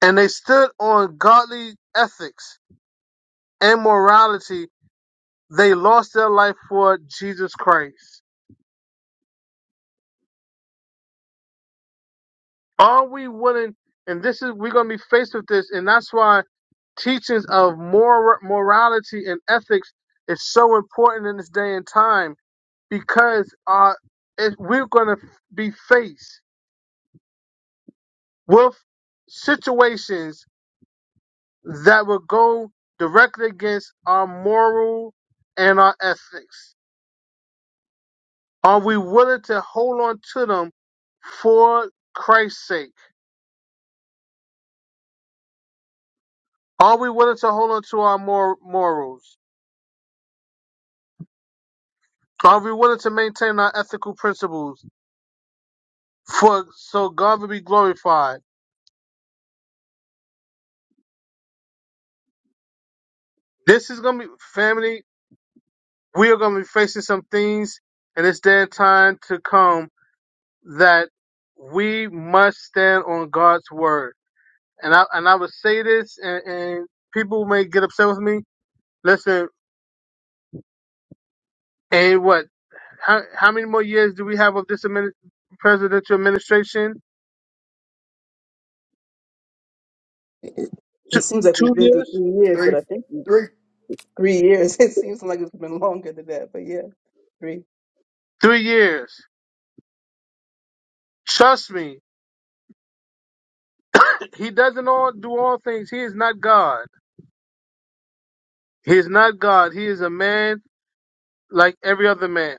Speaker 1: and they stood on godly ethics and morality. They lost their life for Jesus Christ. Are we willing? And this is we're going to be faced with this, and that's why teachings of moral morality and ethics is so important in this day and time because uh, it, we're going to be faced with situations that will go directly against our moral and our ethics. Are we willing to hold on to them for Christ's sake? Are we willing to hold on to our mor- morals? Are we willing to maintain our ethical principles for so God will be glorified? This is gonna be family. We are gonna be facing some things in this day and time to come that we must stand on God's word. And I and I would say this, and, and people may get upset with me. Listen, and what? How how many more years do we have of this admini- presidential administration?
Speaker 3: It, it it
Speaker 1: Two,
Speaker 3: seems like we've
Speaker 1: two
Speaker 3: been through
Speaker 1: years,
Speaker 3: three years, but
Speaker 4: Three,
Speaker 3: I think we-
Speaker 4: three,
Speaker 3: three years. It seems like it's been longer than that, but yeah, three.
Speaker 1: three years. Trust me, He doesn't all do all things. He is not God. He is not God. He is a man like every other man.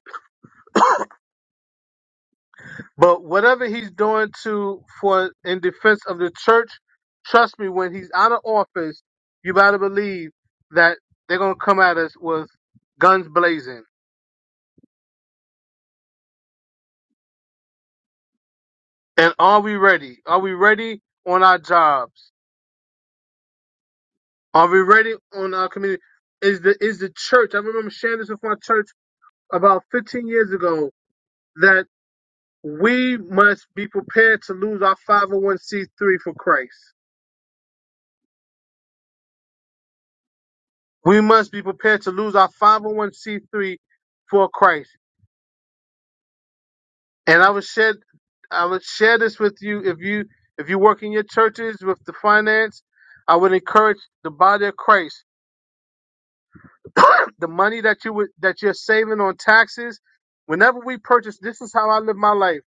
Speaker 1: But whatever he's doing to for in defense of the church, trust me, when he's out of office, you better believe that they're gonna come at us with guns blazing. And are we ready? Are we ready on our jobs? Are we ready on our community? Is the is the church? I remember sharing this with my church about 15 years ago. That we must be prepared to lose our 501c3 for Christ. We must be prepared to lose our 501c3 for Christ. And I would share, I would share this with you if you if you work in your churches with the finance. I would encourage the body of Christ. the money that you would that you're saving on taxes, whenever we purchase, this is how I live my life,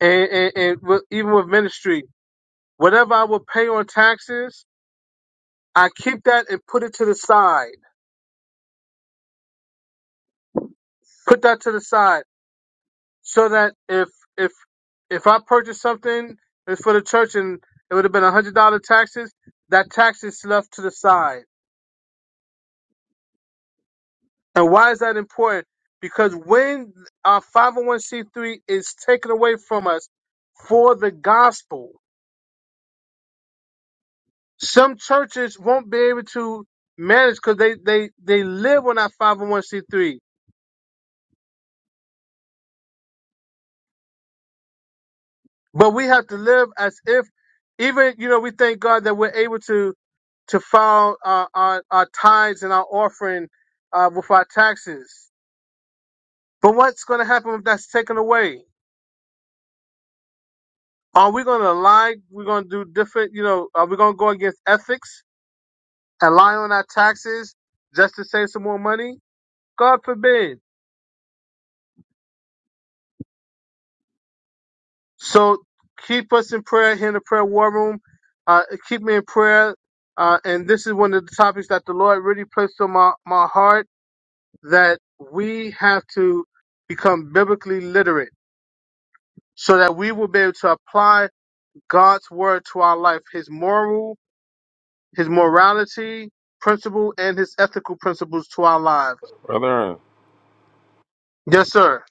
Speaker 1: and and, and with, even with ministry, whatever I would pay on taxes, I keep that and put it to the side put that to the side so that if if if I purchase something it's for the church and it would have been a hundred dollar taxes, that tax is left to the side. And why is that important? Because when our 501c3 is taken away from us for the gospel, some churches won't be able to manage because they, they, they live on that 501c3. But we have to live as if, even you know, we thank God that we're able to to file uh, our our tithes and our offering uh, with our taxes. But what's going to happen if that's taken away? Are we going to lie? We're going to do different, you know? Are we going to go against ethics and lie on our taxes just to save some more money? God forbid. So keep us in prayer here in the prayer war room. Uh, keep me in prayer. Uh, and this is one of the topics that the Lord really placed on my, my heart that we have to become biblically literate so that we will be able to apply God's word to our life, his moral, his morality principle and his ethical principles to our lives.
Speaker 6: Brother, Aaron,
Speaker 1: Yes, sir.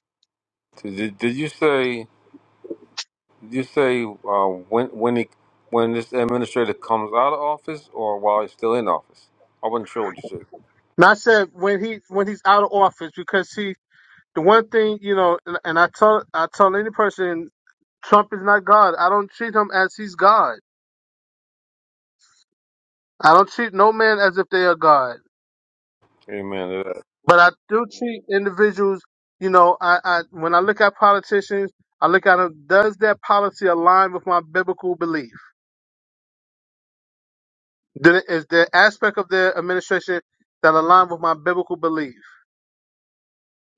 Speaker 6: did, did you say? You say uh, when when he when this administrator comes out of office or while he's still in office? I wasn't sure what you said.
Speaker 1: And I said when he when he's out of office because see the one thing, you know, and, and I tell I tell any person Trump is not God. I don't treat him as he's God. I don't treat no man as if they are God.
Speaker 6: Amen. to
Speaker 1: but I do treat individuals, you know, I, I when I look at politicians, I look at them, does their policy align with my biblical belief? Do they- Is there aspect of their administration that align with my biblical belief?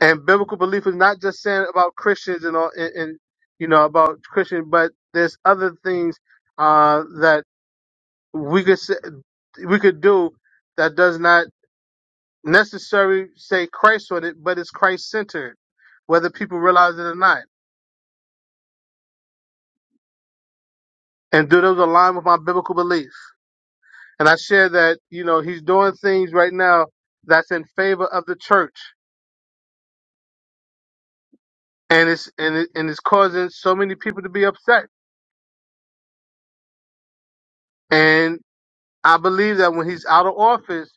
Speaker 1: And biblical belief is not just saying about Christians and all, and, and you know, about Christian, but there's other things uh, that we could say, we could do that does not necessarily say Christ on it, but it's Christ centered, whether people realize it or not and do those align with my biblical beliefs? And I share that, you know, he's doing things right now that's in favor of the church and it's and it, and it's causing so many people to be upset. And I believe that when he's out of office,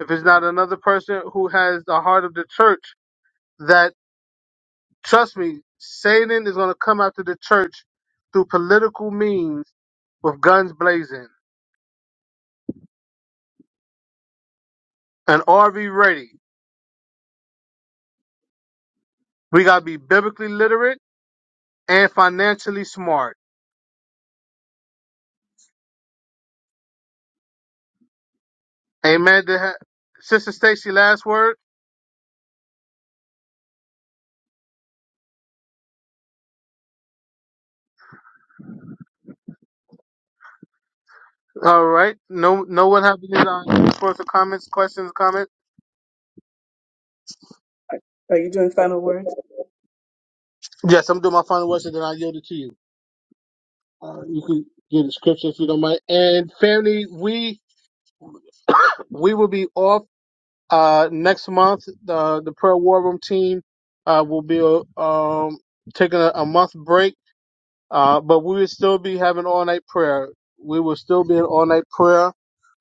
Speaker 1: if it's not another person who has the heart of the church, that trust me, Satan is going to come after the church through political means with guns blazing and RV ready. We got to be biblically literate and financially smart Amen. They ha- Sister Stacy, last word. All right. No, no one have any uh, further comments, questions, comments.
Speaker 3: Are are you doing final words?
Speaker 1: Yes, I'm doing my final worship, then I yield it to you. Uh, you can get the scripture if you don't mind. And family, we we will be off uh, next month. The the prayer war room team uh, will be uh, um, taking a, a month break. Uh, but we will still be having all night prayer. We will still be in all night prayer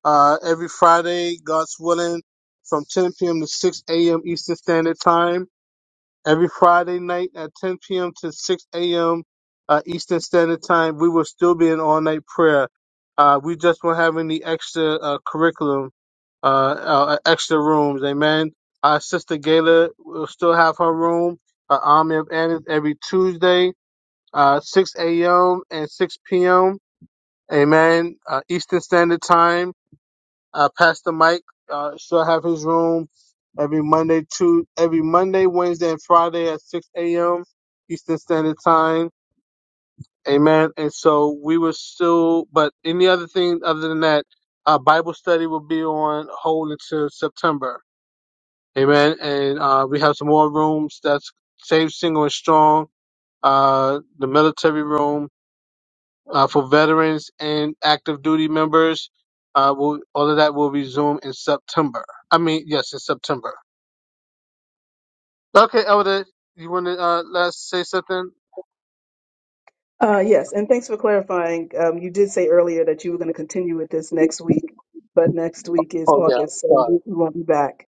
Speaker 1: uh, every Friday, God's willing, from 10 p.m. to 6 a.m. Eastern Standard Time. Every Friday night at 10 p.m. to 6 a.m. Uh, Eastern Standard Time, we will still be in all night prayer. Uh, we just won't have any extra uh, curriculum, uh, uh, extra rooms. Amen. Our sister Gayla will still have her room, uh, Army of Annas, every Tuesday uh, 6 a.m. and 6 p.m. Amen. Uh, Eastern Standard Time. Uh, Pastor Mike uh, shall have his room every Monday, two every Monday, Wednesday, and Friday at 6 a.m. Eastern Standard Time. Amen. And so we will still, but any other thing other than that, uh, Bible study will be on hold until September. Amen. And uh, we have some more rooms. That's Save Single and Strong. Uh, the military room uh, for veterans and active duty members. Uh, will all of that will resume in September. I mean, yes, in September. Okay, Elder, you want to uh, last say something?
Speaker 3: Uh, yes, and thanks for clarifying. Um, you did say earlier that you were going to continue with this next week, but next week is
Speaker 1: Oh yeah,
Speaker 3: August, so
Speaker 1: I'm
Speaker 3: we, we won't be back.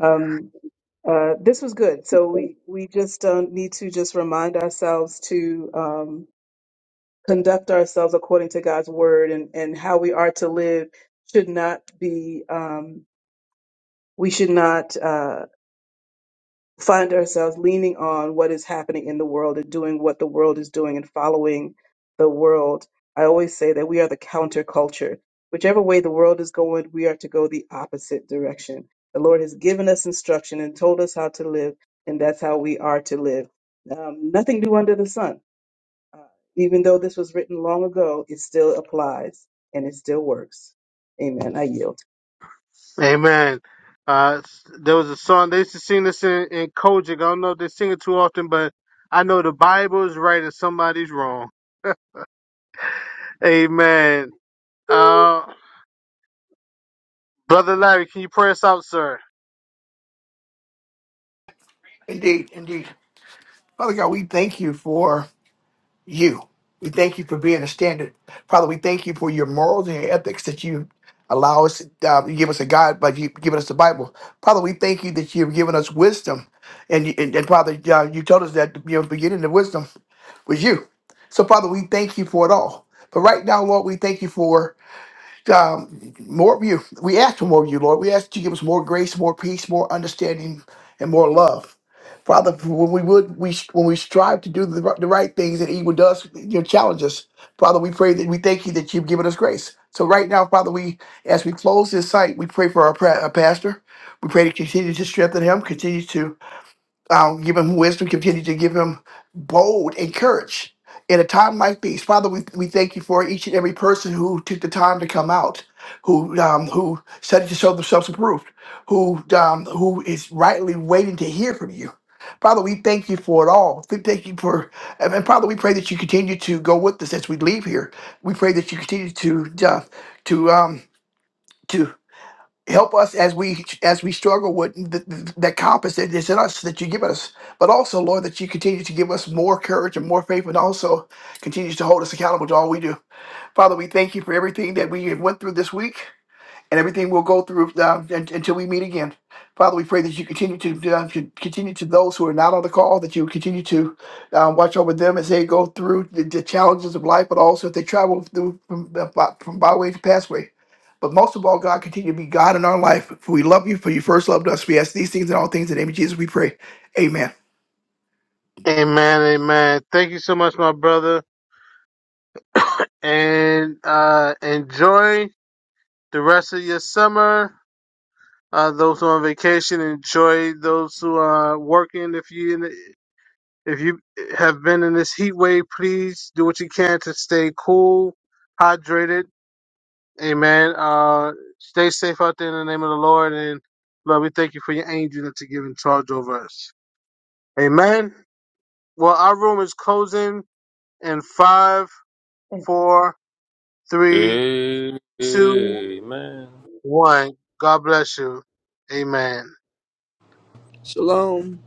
Speaker 3: Um, uh, this was good. So we we just uh, need to just remind ourselves to um, conduct ourselves according to God's word, and and how we are to live should not be. Um, we should not. uh, find ourselves leaning on what is happening in the world and doing what the world is doing and following the world. I always say that we are the counterculture. Whichever way the world is going, we are to go the opposite direction. The Lord has given us instruction and told us how to live, and that's how we are to live. Um, nothing new under the sun. Uh, even though this was written long ago, it still applies and it still works. Amen. I yield.
Speaker 1: sorry. Amen. Uh, there was a song they used to sing this in, in Kojic. I don't know if they sing it too often, but I know the Bible is right and somebody's wrong. Amen. Uh, brother Larry, can you pray us out, sir?
Speaker 4: indeed, indeed. Father God, we thank you for you. We thank you for being a standard. Father, we thank you for your morals and your ethics that you allow us, uh, you give us a God, but you've given us the Bible. Father, we thank you that you've given us wisdom. And, you- and, and Father, uh, you told us that you know, beginning of wisdom. was you. So, Father, we thank you for it all. But right now, Lord, we thank you for um, more of you. We ask for more of you, Lord. We ask that you give us more grace, more peace, more understanding, and more love. Father, when we would we when we strive to do the, ri- the right things and evil does you know, challenge us, Father, we pray that we thank you that you've given us grace. So right now, Father, we as we close this site, we pray for our, pra- our pastor. We pray to continue to strengthen him, continue to um, give him wisdom, continue to give him bold and courage in a time like these. Father, we, we thank you for each and every person who took the time to come out, who um, who studied to show themselves approved, who um, who is rightly waiting to hear from you. Father, we thank you for it all. We Thank you for, and and Father, we pray that you continue to go with us as we leave here. We pray that you continue to uh, to um, to help us as we as we struggle with the, the, the compass that is in us that you give us but also lord that you continue to give us more courage and more faith and also continues to hold us accountable to all we do father we thank you for everything that we have went through this week and everything we'll go through uh, un- until we meet again. Father, we pray that you continue to uh, con- continue to those who are not on the call, that you continue to uh, watch over them as they go through the, the challenges of life, but also if they travel through from, the by- from byway to passway. But most of all, God, continue to be God in our life. For we love you, for you first loved us. We ask these things and all things in the name of Jesus, we pray. Amen.
Speaker 1: Amen. Amen. Thank you so much, my brother, and uh, enjoy the rest of your summer. Uh, those who are on vacation, enjoy. Those who are working, if you in the- if you have been in this heat wave, please do what you can to stay cool, hydrated. Amen. Uh, stay safe out there in the name of the Lord. And Lord, we thank you for your angel that you give in charge over us. Amen. Well, our room is closing in five, four, three,
Speaker 6: that.
Speaker 1: two,
Speaker 6: Amen.
Speaker 1: one. God bless you. Amen.
Speaker 2: Shalom.